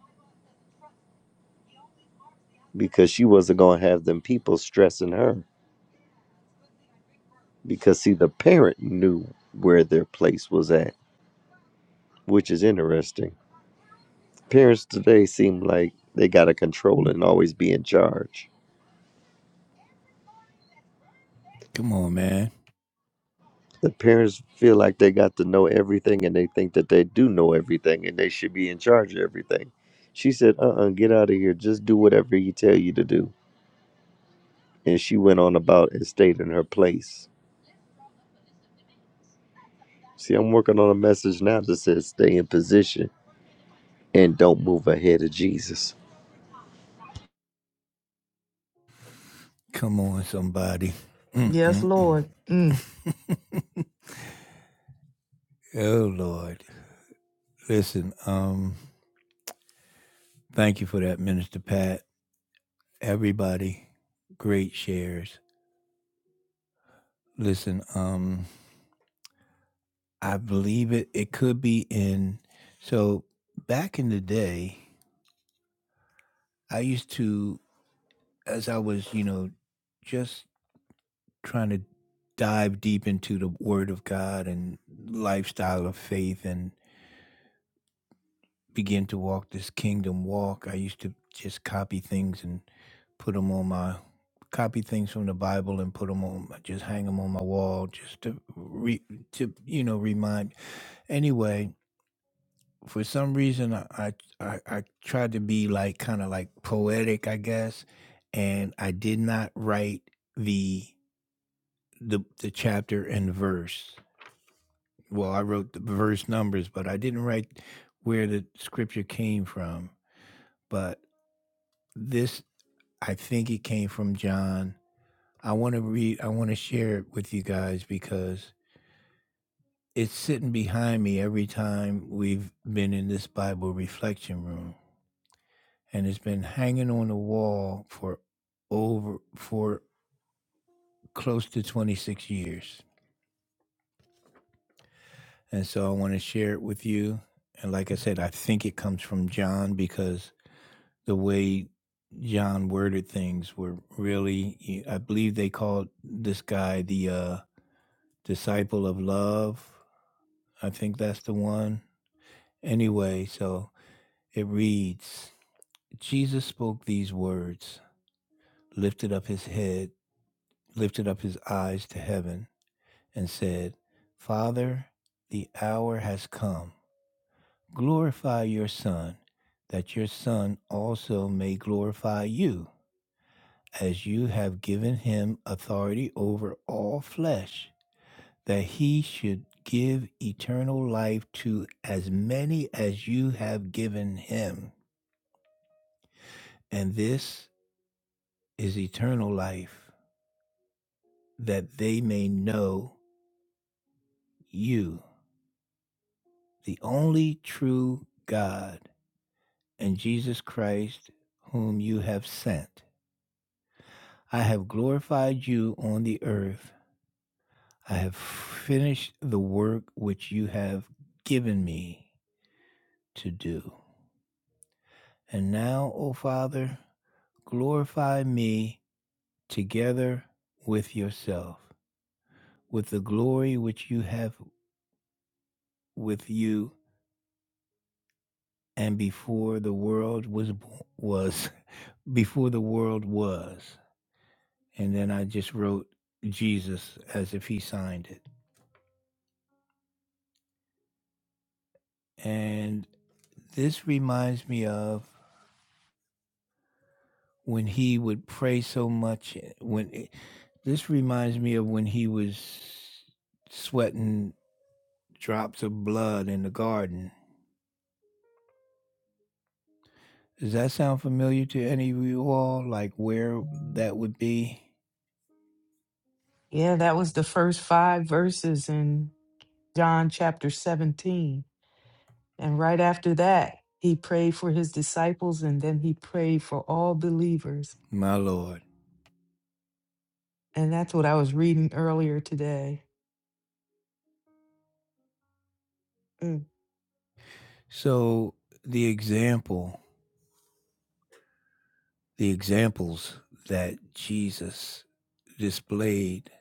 because she wasn't going to have them people stressing her. Because, see, the parent knew where their place was at, which is interesting. Parents today seem like they got to control and always be in charge.
come on, man.
The parents feel like they got to know everything and they think that they do know everything and they should be in charge of everything. She said, uh uh get out of here. Just do whatever he tell you to do. And she went on about and stayed in her place See, I'm working on a message now that says stay in position and don't move ahead of Jesus.
Come on, somebody.
Yes,
Mm-mm-mm.
Lord. Mm.
<laughs> oh Lord. Listen, um, thank you for that, Minister Pat. Everybody, great shares. Listen, um, I believe it it could be in so back in the day, I used to as I was, you know, just trying to dive deep into the Word of God and lifestyle of faith and begin to walk this kingdom walk. I used to just copy things and put them on my copy things from the Bible and put them on, just hang them on my wall, just to re, to you know remind. Anyway, for some reason, I I, I I tried to be like kind of like poetic, I guess, and I did not write the the the chapter and verse Well, I wrote the verse numbers, but I didn't write where the scripture came from. But this, I think it came from John. I want to read, I want to share it with you guys because it's sitting behind me every time we've been in this Bible reflection room. And it's been hanging on the wall for over, for close to 26 years. And so I want to share it with you. And like I said, I think it comes from John because the way John worded things were really I believe they called this guy the uh disciple of love. I think that's the one. Anyway, so it reads Jesus spoke these words, lifted up his head, lifted up his eyes to heaven, and said, Father, the hour has come. Glorify your Son, that your Son also may glorify you, as you have given him authority over all flesh, that he should give eternal life to as many as you have given him. And this is eternal life, that they may know you, the only true God, and Jesus Christ, whom you have sent. I have glorified you on the earth. I have finished the work which you have given me. to do. And now, O Father, glorify me together with yourself, with the glory which you have with you and before the world was was <laughs> before the world was. And then I just wrote Jesus as if he signed it. And this reminds me of when he would pray so much eh, when eh, this reminds me of when he was sweating drops of blood in the garden. Does that sound familiar to any of you all? Like where that would be?
Yeah, that was the first five verses in John chapter 17. And right after that, he prayed for his disciples and then he prayed for all believers.
My Lord.
And that's what I was reading earlier today. Mm.
So the example, the examples that Jesus displayed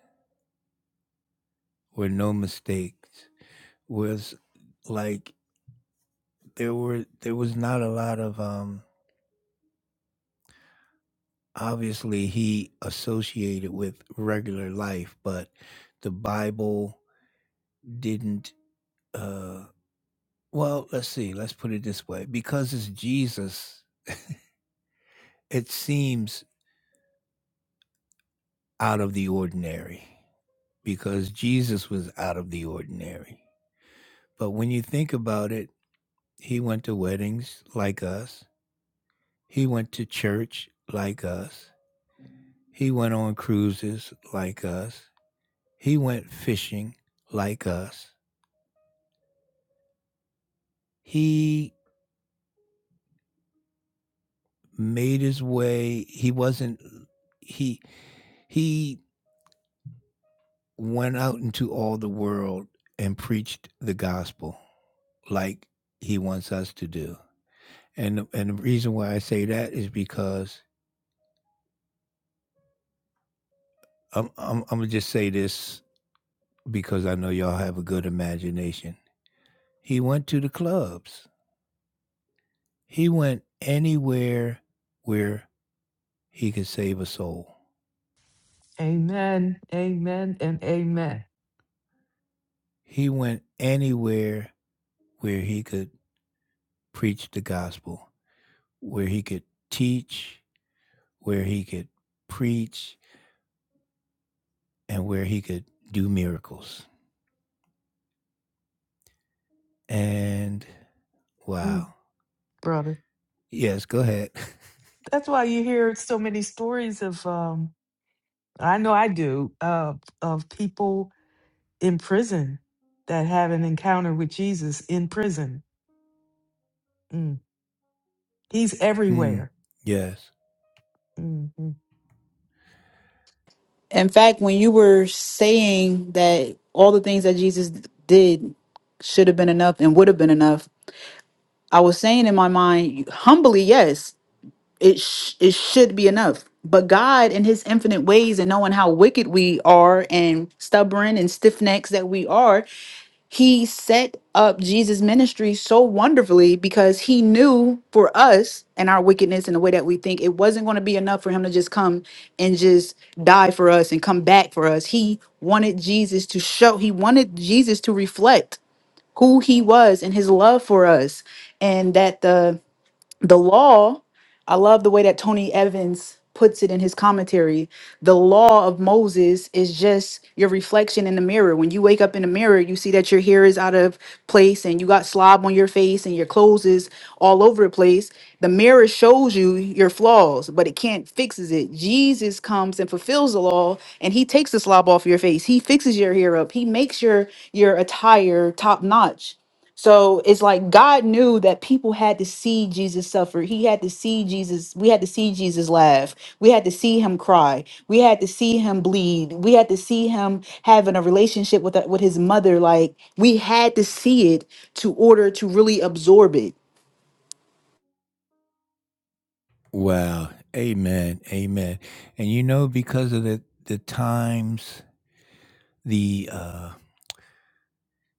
were no mistakes. Was like there were there was not a lot of um obviously he associated with regular life, but the Bible didn't uh Well, let's see, let's put it this way, because it's Jesus, it seems out of the ordinary, because Jesus was out of the ordinary. But when you think about it, he went to weddings like us. He went to church like us. He went on cruises like us. He went fishing like us. He made his way. He wasn't he he went out into all the world and preached the gospel like he wants us to do. And and the reason why I say that is because I'm I'm, I'm gonna just say this because I know y'all have a good imagination. He went to the clubs. He went anywhere where he could save a soul.
Amen, amen, and amen.
He went anywhere where he could preach the gospel, where he could teach, where he could preach, and where he could do miracles. And
Mm,
wow.
brother.
Yes, go ahead.
That's why you hear so many stories of, um, I know I do, uh, of people in prison that have an encounter with Jesus in prison. Mm. He's
<laughs> mm,
everywhere.
yes.
hmm
in fact when you were saying that all the things that jesus did should have been enough and would have been enough I was saying in my mind, humbly, yes, it sh- it should be enough. But God, in His infinite ways, and knowing how wicked we are, and stubborn and stiff necks that we are, He set up Jesus' ministry so wonderfully because He knew for us and our wickedness and the way that we think, it wasn't going to be enough for Him to just come and just die for us and come back for us. He wanted Jesus to show. He wanted Jesus to reflect who he was and his love for us and that the the law i love the way that tony evans puts it in his commentary the law of moses is just your reflection in the mirror when you wake up in the mirror you see that your hair is out of place and you got slob on your face and your clothes is all over the place the mirror shows you your flaws but it can't fixes it jesus comes and fulfills the law and he takes the slob off your face he fixes your hair up he makes your your attire top notch so it's like God knew that people had to see Jesus suffer. He had to see Jesus. We had to see Jesus laugh. We had to see him cry. We had to see him bleed. We had to see him having a relationship with with his mother. Like we had to see it to order to really absorb it.
Wow. Amen. Amen. And you know, because of the, the times, the uh,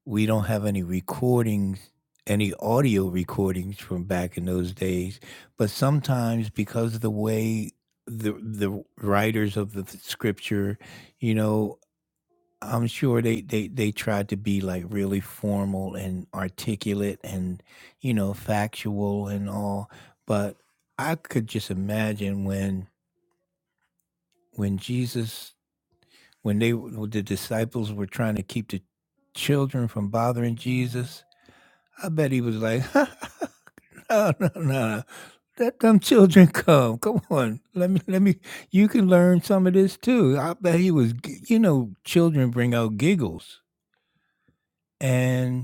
we don't have any recordings, any audio recordings from back in those days. But sometimes, because of the way the the writers of the scripture, you know, I'm sure they they they tried to be like really formal and articulate and you know factual and all, but I could just imagine when when Jesus when they when the disciples were trying to keep the children from bothering Jesus, I bet he was like, <laughs> no no no, let them children come, come on, let me let me, you can learn some of this too. I bet he was, g- you know, children bring out giggles and.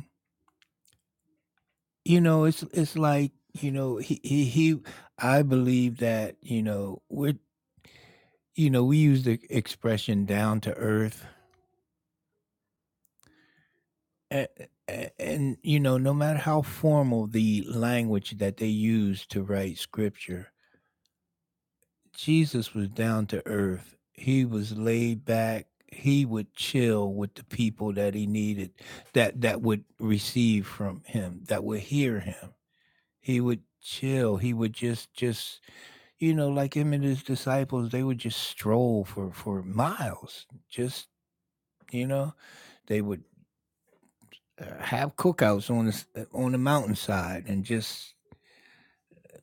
You know, it's it's like, you know, he he he I believe that, you know, we're you know, we use the expression down to earth. and And, you know, no matter how formal the language that they use to write scripture, Jesus was down to earth. He was laid back. He would chill with the people that he needed, that that would receive from him, that would hear him He would chill. He would just just you know, like him and his disciples, they would just stroll for for miles. Just, you know, they would uh, have cookouts on the s- uh, on the mountainside and just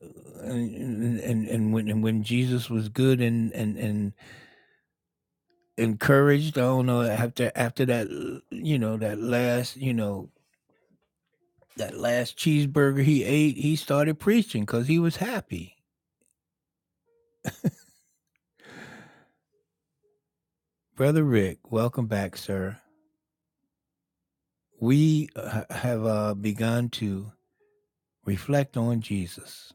uh, and and, and when and when Jesus was good and and and encouraged, I don't know, after after that, uh, you know, that last, you know, that last cheeseburger he ate, he started preaching cuz he was happy. Brother Rick, welcome back, sir. we uh, have uh, begun to reflect on Jesus.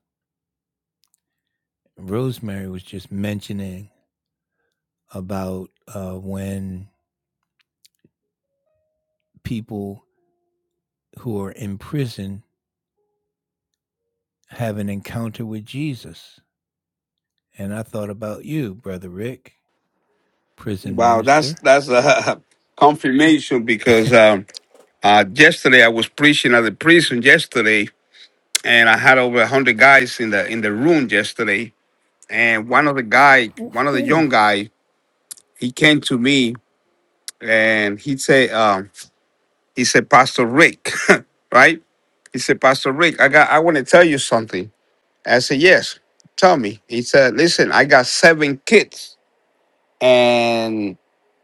Rosemary was just mentioning about uh, when people who are in prison have an encounter with Jesus. And I thought about you, Brother Rick, prison
Wow, that's
minister.
that's a <laughs> confirmation because um, uh, yesterday I was preaching at the prison yesterday, and I had over a hundred guys in the in the room yesterday, and one of the guy, one of the young
Woo-hoo.
guy, he came to me and he said, um, he said, Pastor Rick, <laughs> right? He said, Pastor Rick, I got I want to tell you something. I said, Yes, tell me. He said, Listen, I got seven kids and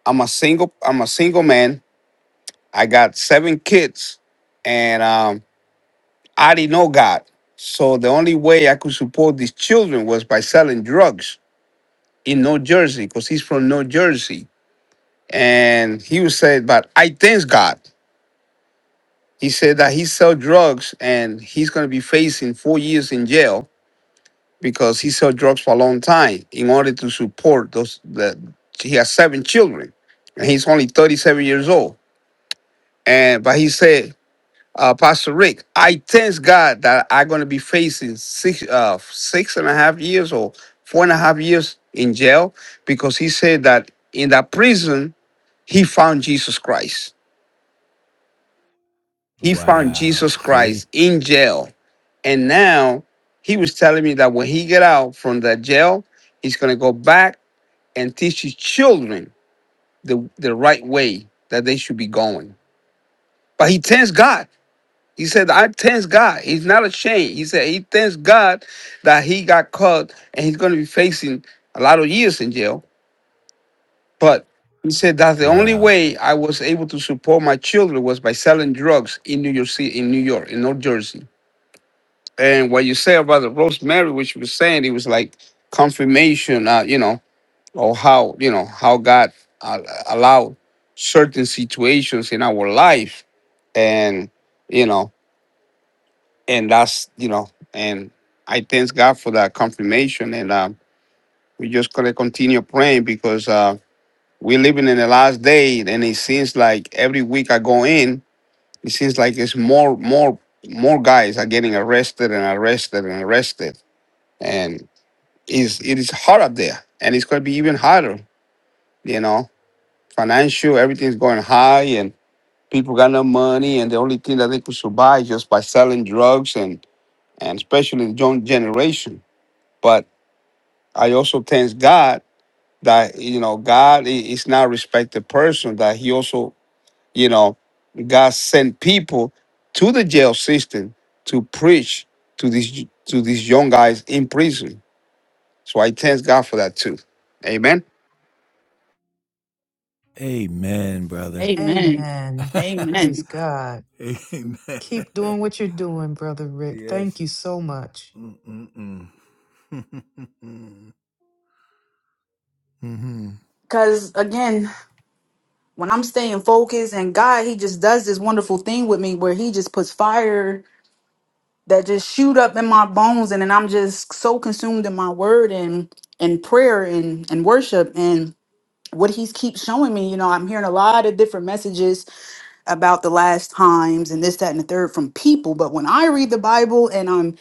I'm a single, I'm a single man. I got seven kids and um I didn't know God. So the only way I could support these children was by selling drugs in New Jersey, because he's from New Jersey. And he was said, But I thanks God. He said that he sell drugs and he's gonna be facing four years in jail because he sold drugs for a long time in order to support those that he has seven children and he's only 37 years old and but he said uh, pastor rick i thank god that i'm going to be facing six uh six and a half years or four and a half years in jail because he said that in that prison he found jesus christ he found
Wow.
jesus christ
See?
in jail and now he was telling me that when he get out from that jail he's going to go back and teach his children the, the right way that they should be going. But he thanks God. He said, I thanks God. He's not ashamed. He said, he thanks God that he got caught and he's going to be facing a lot of years in jail. But he said, that's the only
Wow.
way I was able to support my children was by selling drugs in New York City, in New York, in North Jersey. And what you say about the Rosemary, which you were saying, it was like confirmation, uh, you know, or how you know how God al- allowed certain situations in our life, and you know, and that's you know, and I thank God for that confirmation, and um, we just gonna continue praying because uh, we're living in the last day, and it seems like every week I go in, it seems like it's more, more, more guys are getting arrested and arrested and arrested, and is it is hard up there, and it's gonna be even harder, you know financial, everything's going high, and people got no money, and the only thing that they could survive is just by selling drugs and and especially the young generation. But I also thank God that you know God i- is not respected person that He also you know God sent people to the jail system to preach to these to these young guys in prison. So I thank God for that too. Amen.
Amen, brother.
Amen.
Amen. Praise
Amen.
God.
<laughs>
Keep
Amen.
doing what you're doing, Brother Rick. Thank
Yes.
you so much.
Mm-mm-mm. <laughs> mm-hmm.
Cause again, when I'm staying focused and God, He just does this wonderful thing with me where He just puts fire that just shoot up in my bones and then I'm just so consumed in my word and and prayer and and worship and what he's keeps showing me, you know, I'm hearing a lot of different messages about the last times and this, that, and the third from people. But when I read the Bible and I'm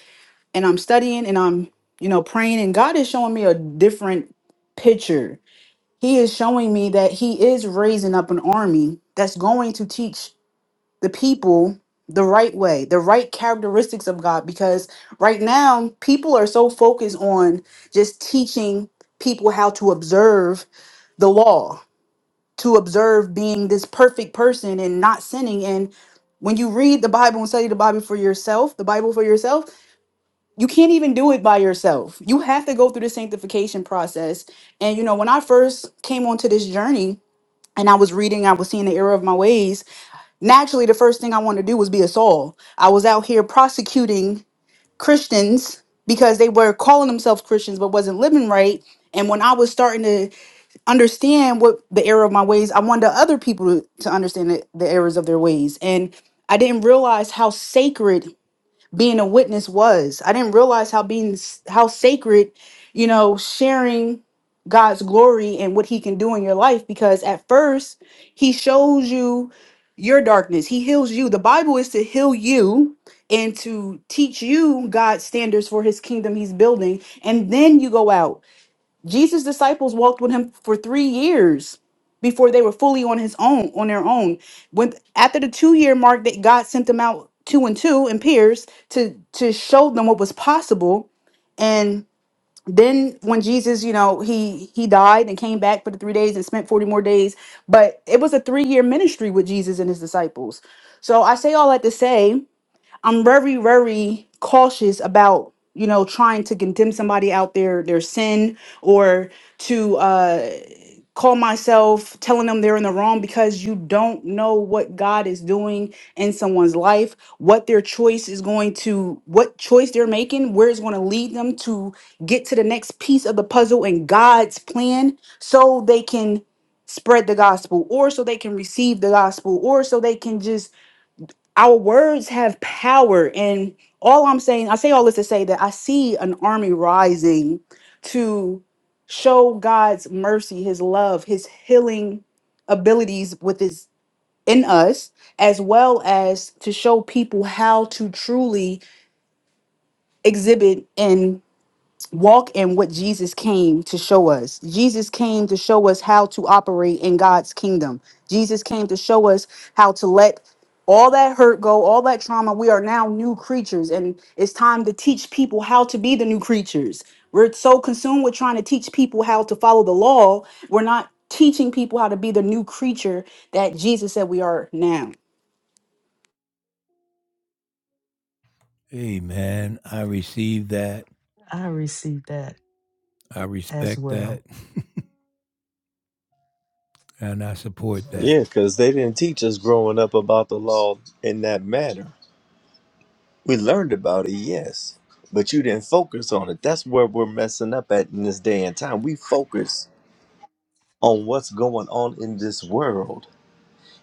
and I'm studying and I'm, you know, praying and God is showing me a different picture. He is showing me that he is raising up an army that's going to teach the people the right way, the right characteristics of God, because right now people are so focused on just teaching people how to observe the law, to observe being this perfect person and not sinning. And when you read the Bible and study the Bible for yourself, the Bible for yourself, you can't even do it by yourself. You have to go through the sanctification process. And you know, when I first came onto this journey and I was reading, I was seeing the error of my ways naturally the first thing I wanted to do was be a Saul. I was out here prosecuting Christians because they were calling themselves Christians but wasn't living right. And when I was starting to understand what the error of my ways, I wanted other people to, to understand the, the errors of their ways. And I didn't realize how sacred being a witness was. I didn't realize how being how sacred, you know, sharing God's glory and what he can do in your life because at first he shows you your darkness. He heals you. The Bible is to heal you and to teach you God's standards for his kingdom he's building and then you go out. Jesus' disciples walked with him for three years before they were fully on his own, on their own. When after the two-year mark that God sent them out two and two in pairs to to show them what was possible. And then when Jesus, you know, he he died and came back for the three days and spent 40 more days. But it was a three-year ministry with Jesus and his disciples. So I say all that to say I'm very, very cautious about you know trying to condemn somebody out their their sin or to uh call myself telling them they're in the wrong because you don't know what God is doing in someone's life, what their choice is going to what choice they're making, where it's going to lead them to get to the next piece of the puzzle in God's plan so they can spread the gospel or so they can receive the gospel or so they can just our words have power and all i'm saying i say all this to say that i see an army rising to show god's mercy his love his healing abilities with his in us as well as to show people how to truly exhibit and walk in what Jesus came to show us. Jesus came to show us how to operate in God's kingdom. Jesus came to show us how to let all that hurt go, all that trauma. We are now new creatures, and it's time to teach people how to be the new creatures. We're so consumed with trying to teach people how to follow the law, we're not teaching people how to be the new creature that Jesus said we are now.
Hey, man, I receive that.
I received that
I
as
respect that.
well.
<laughs> and I support that.
Yeah, because they didn't teach us growing up about the law in that matter. We learned about it, yes, but you didn't focus on it. That's where we're messing up at in this day and time. We focus on what's going on in this world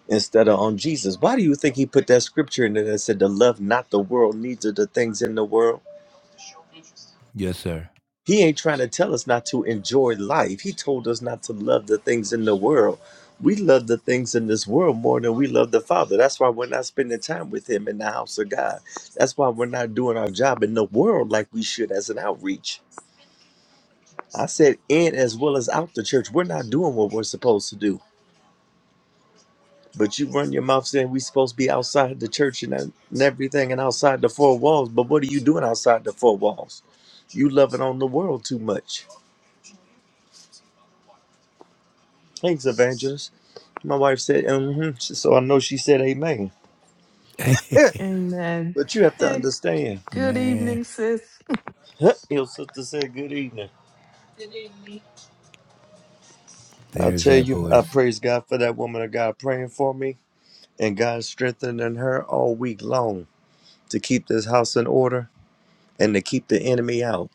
instead of on Jesus. Why do you think he put that scripture in there that said to love not the world, neither the things in the world?
Yes, sir.
He ain't trying to tell us not to enjoy life. He told us not to love the things in the world. We love the things in this world more than we love the Father. That's why we're not spending time with Him in the house of God. That's why we're not doing our job in the world like we should as an outreach. I said in as well as out the church. We're not doing what we're supposed to do. But you run your mouth saying we're supposed to be outside the church and, and everything and outside the four walls. But what are you doing outside the four walls? You loving on the world too much. Thanks, evangelist. My wife said, mm-hmm. so I know she said amen.
<laughs>
Yeah,
Amen.
but you have to
And
understand.
good
man,
evening, sis. <laughs>
<laughs> Your sister said good evening. I
there's
tell
that
you, I
voice.
praise God for that woman of God praying for me and God strengthening her all week long to keep this house in order and to keep the enemy out.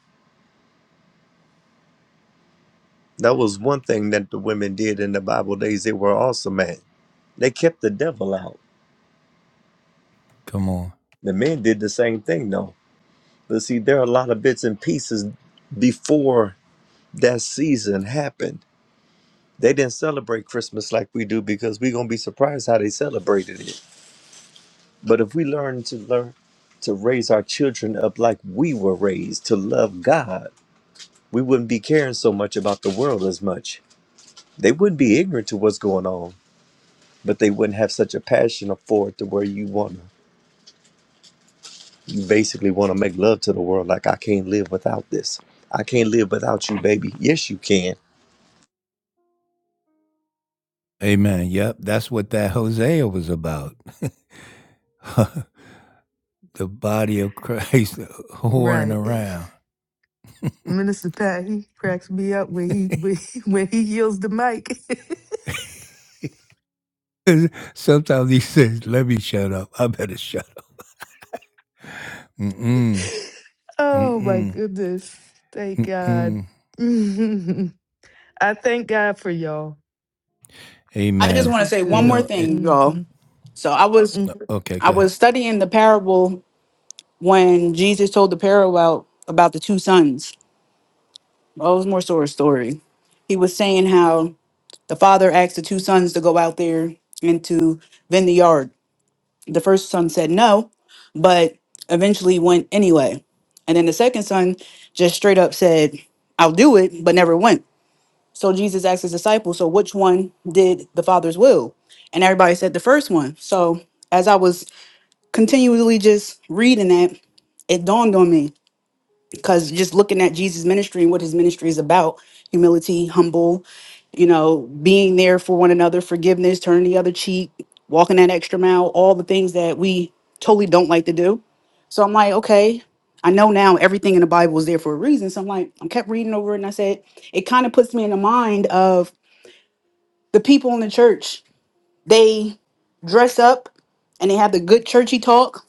That was one thing that the women did in the Bible days. They were awesome at. They kept the devil out.
Come on.
The men did the same thing though. But see, there are a lot of bits and pieces before that season happened They didn't celebrate Christmas like we do because we're gonna be surprised how they celebrated it. But if we learn to learn to raise our children up like we were raised to love God, we wouldn't be caring so much about the world as much. They wouldn't be ignorant to what's going on, but they wouldn't have such a passion for it to where you wanna you basically wanna make love to the world like I can't live without this. I can't live without you, baby. Yes, you can
Amen. Yep, that's what that Hosea was about. <laughs> the body of Christ whoring
Right.
around.
Minister Pat, he cracks me up when he <laughs> when he, when he yields the mic.
<laughs> Sometimes he says, let me shut up. I better shut up. Mm-mm.
<laughs> oh my
Mm-mm.
goodness. Thank God.
Mm-mm.
<laughs> I thank God for y'all.
I just
Amen.
This
want to
is
say
You
one
good.
more
know it.
thing,
hmm
y'all.
hmm
So I was
Okay,
I
go ahead.
was studying the parable when Jesus told the parable about, about the two sons. Oh, it was more sort of story. He was saying how the father asked the two sons to go out there and to vend the yard. The first son said no, but eventually went anyway. And then the second son just straight up said, I'll do it, but never went. So Jesus asked his disciples, So which one did the father's will? And everybody said the first one. So as I was continually just reading that, it dawned on me because just looking at Jesus' ministry and what his ministry is about humility, humble, you know, being there for one another, forgiveness, turning the other cheek, walking that extra mile, all the things that we totally don't like to do. So I'm like, okay, I know now everything in the Bible is there for a reason. So I'm like, I kept reading over it and I said, it kind of puts me in the mind of the people in the church. They dress up and they have the good churchy talk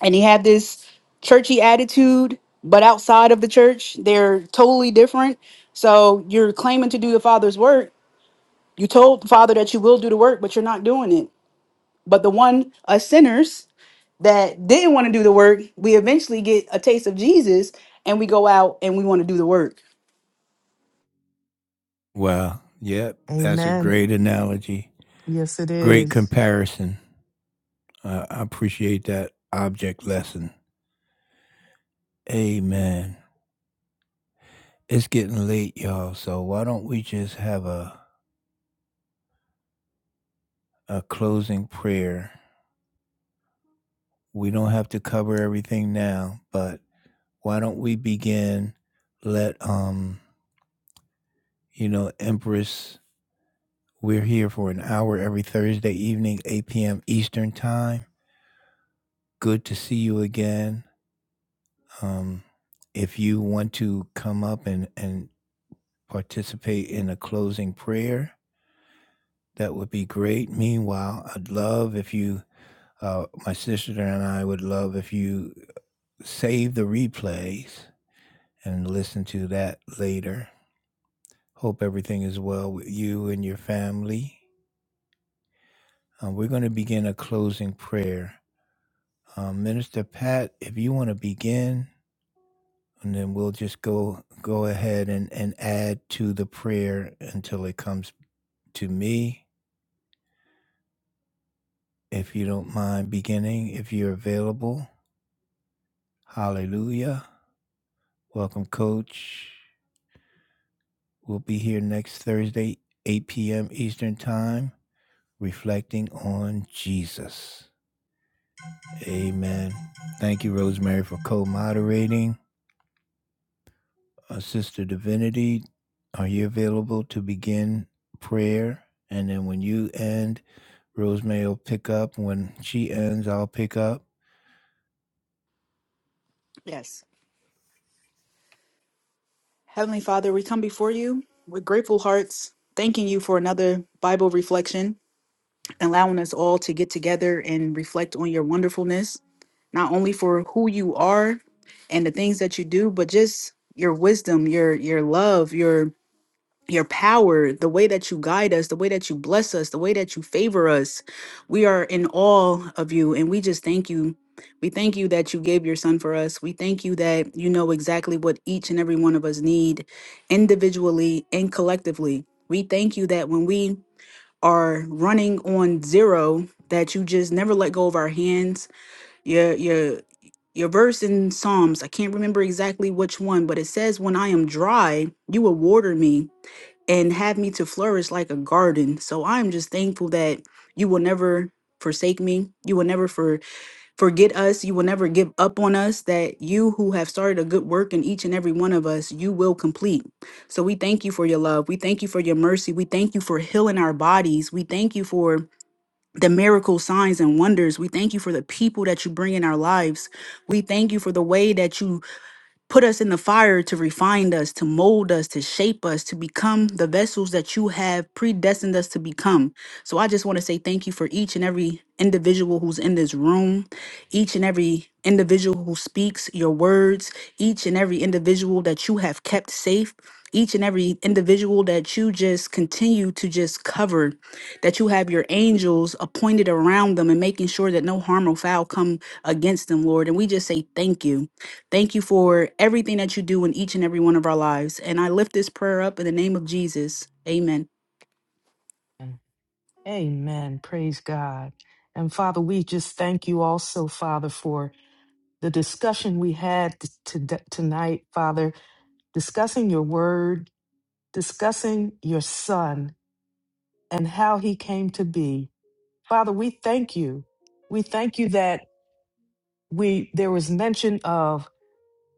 and he had this churchy attitude but outside of the church they're totally different so you're claiming to do the father's work you told the father that you will do the work but you're not doing it but the one us sinners that didn't want to do the work we eventually get a taste of jesus and we go out and we want to do the work
Wow. Yep. That's a
Amen.
great analogy.
Yes, it
Great
is.
comparison. Uh, I appreciate that object lesson. Amen. It's getting late, y'all. So why don't we just have a, a closing prayer? We don't have to cover everything now, but why don't we begin? Let um, you know, Empress We're here for an hour every Thursday evening, 8 p.m. Eastern Time. Good to see you again. Um, if you want to come up and, and participate in a closing prayer, that would be great. Meanwhile, I'd love if you, uh, my sister and I would love if you save the replays and listen to that later. Hope everything is well with you and your family. Uh, we're going to begin a closing prayer. Um, Minister Pat, if you want to begin, and then we'll just go go ahead and, and add to the prayer until it comes to me. If you don't mind beginning, if you're available, hallelujah. Welcome, Coach. We'll be here next Thursday, 8 p.m. Eastern Time, reflecting on Jesus. Amen. Thank you, Rosemary, for co moderating. Uh, Sister Divinity, are you available to begin prayer? And then when you end, Rosemary will pick up. When she ends, I'll pick up.
yes heavenly father we come before you with grateful hearts thanking you for another bible reflection allowing us all to get together and reflect on your wonderfulness not only for who you are and the things that you do but just your wisdom your your love your your power the way that you guide us the way that you bless us the way that you favor us we are in awe of you and we just thank you we thank you that you gave your son for us we thank you that you know exactly what each and every one of us need individually and collectively we thank you that when we are running on zero that you just never let go of our hands yeah yeah your verse in Psalms, I can't remember exactly which one, but it says, When I am dry, you will water me and have me to flourish like a garden. So I'm just thankful that you will never forsake me. You will never for, forget us. You will never give up on us. That you who have started a good work in each and every one of us, you will complete. So we thank you for your love. We thank you for your mercy. We thank you for healing our bodies. We thank you for the miracle signs and wonders. We thank you for the people that you bring in our lives. We thank you for the way that you put us in the fire to refine us, to mold us, to shape us, to become the vessels that you have predestined us to become. So I just want to say thank you for each and every individual who's in this room, each and every individual who speaks your words, each and every individual that you have kept safe. Each and every individual that you just continue to just cover, that you have your angels appointed around them and making sure that no harm or foul come against them, Lord. And we just say thank you. Thank you for everything that you do in each and every one of our lives. And I lift this prayer up in the name of Jesus. Amen.
Amen. Praise God. And Father, we just thank you also, Father, for the discussion we had t- to- tonight, Father, discussing your word, discussing your son and how he came to be. Father, we thank you. We thank you that we there was mention of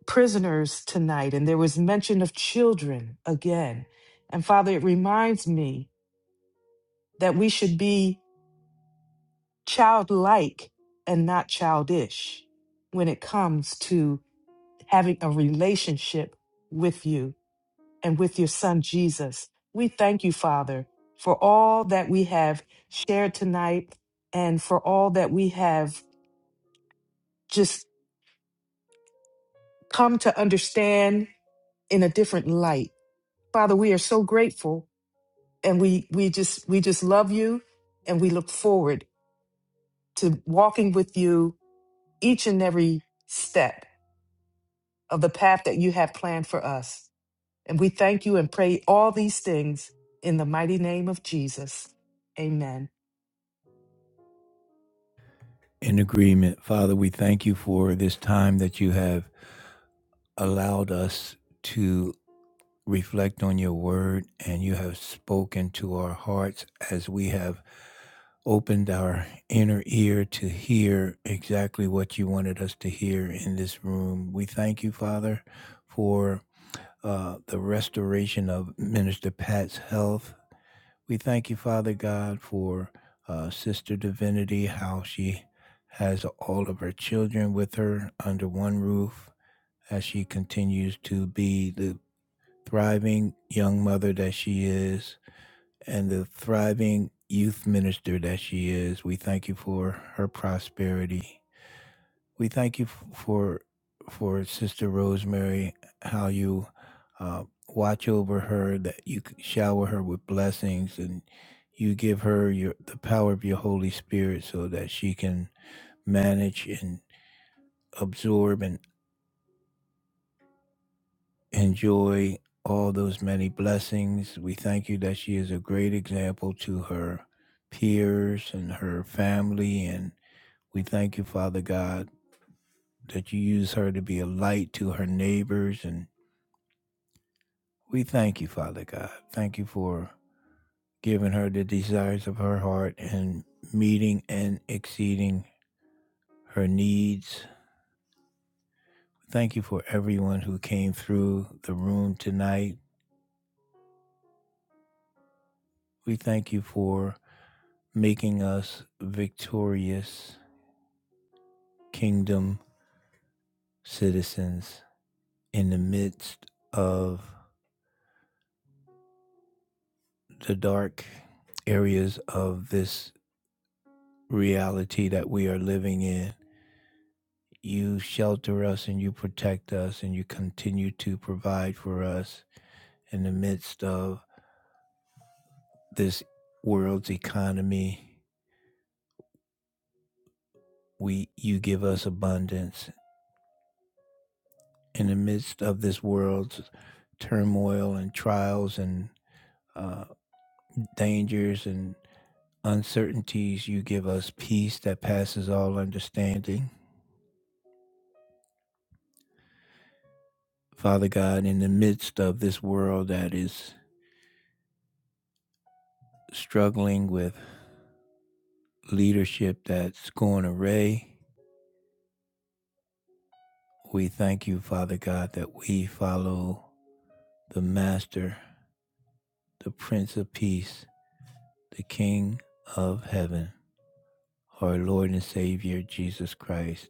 prisoners tonight, and there was mention of children again. And Father, it reminds me that we should be childlike and not childish when it comes to having a relationship with you and with your son Jesus. We thank you, Father, for all that we have shared tonight and for all that we have just come to understand in a different light. Father, we are so grateful and we we just we just love you and we look forward to walking with you each and every step of the path that you have planned for us and we thank you and pray all these things in the mighty name of Jesus amen
In agreement, Father, we thank you for this time that you have allowed us to reflect on your word and you have spoken to our hearts as we have opened our inner ear to hear exactly what you wanted us to hear in this room. We thank you, Father, for uh, the restoration of Minister Pat's health. We thank you, Father God, for uh, Sister Divinity, how she has all of her children with her under one roof as she continues to be the thriving young mother that she is and the thriving youth minister that she is. We thank you for her prosperity we thank you for for Sister Rosemary, how you uh, watch over her, that you shower her with blessings, and you give her your the power of your Holy Spirit, so that she can manage and absorb and enjoy all those many blessings. We thank you that she is a great example to her peers and her family, and we thank you, Father God, that you use her to be a light to her neighbors and We thank you, Father God. Thank you for giving her the desires of her heart and meeting and exceeding her needs. Thank you for everyone who came through the room tonight. We thank you for making us victorious kingdom citizens in the midst of the dark areas of this reality that we are living in. You shelter us and you protect us and you continue to provide for us in the midst of this world's economy. We you give us abundance in the midst of this world's turmoil and trials and uh, dangers and uncertainties. You give us peace that passes all understanding. Father God, in the midst of this world that is struggling with leadership that's going awry. We thank you, Father God, that we follow the Master, the Prince of Peace, the King of Heaven, our Lord and Savior, Jesus Christ.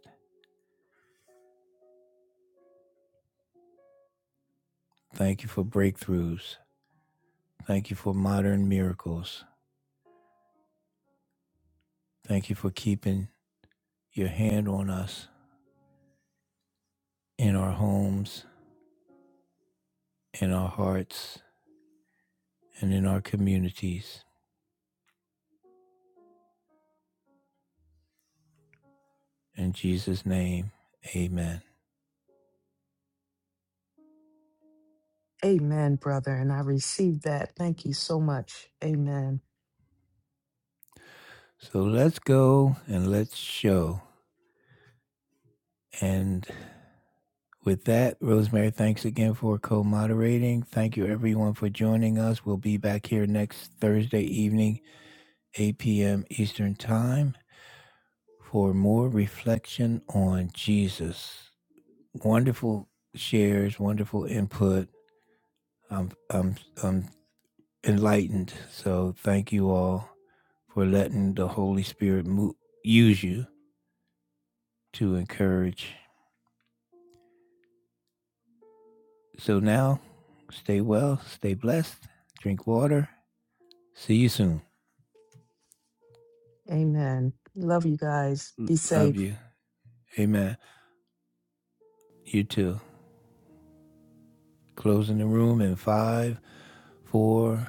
Thank you for breakthroughs. Thank you for modern miracles. Thank you for keeping your hand on us in our homes, in our hearts, and in our communities. In Jesus' name, amen.
amen brother and i received that thank you so much amen
So let's go and let's show. And With that, Rosemary, thanks again for co moderating. Thank you, everyone, for joining us. We'll be back here next Thursday evening, 8 p.m. Eastern Time, for more reflection on Jesus. Wonderful shares, wonderful input. I'm, I'm, I'm enlightened. So, thank you all for letting the Holy Spirit mo- use you to encourage. So, now stay well, stay blessed, drink water. See you soon.
amen love you guys be
Love
safe
you. Amen. You too. Closing the room in five, four,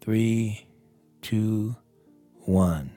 three, two, one.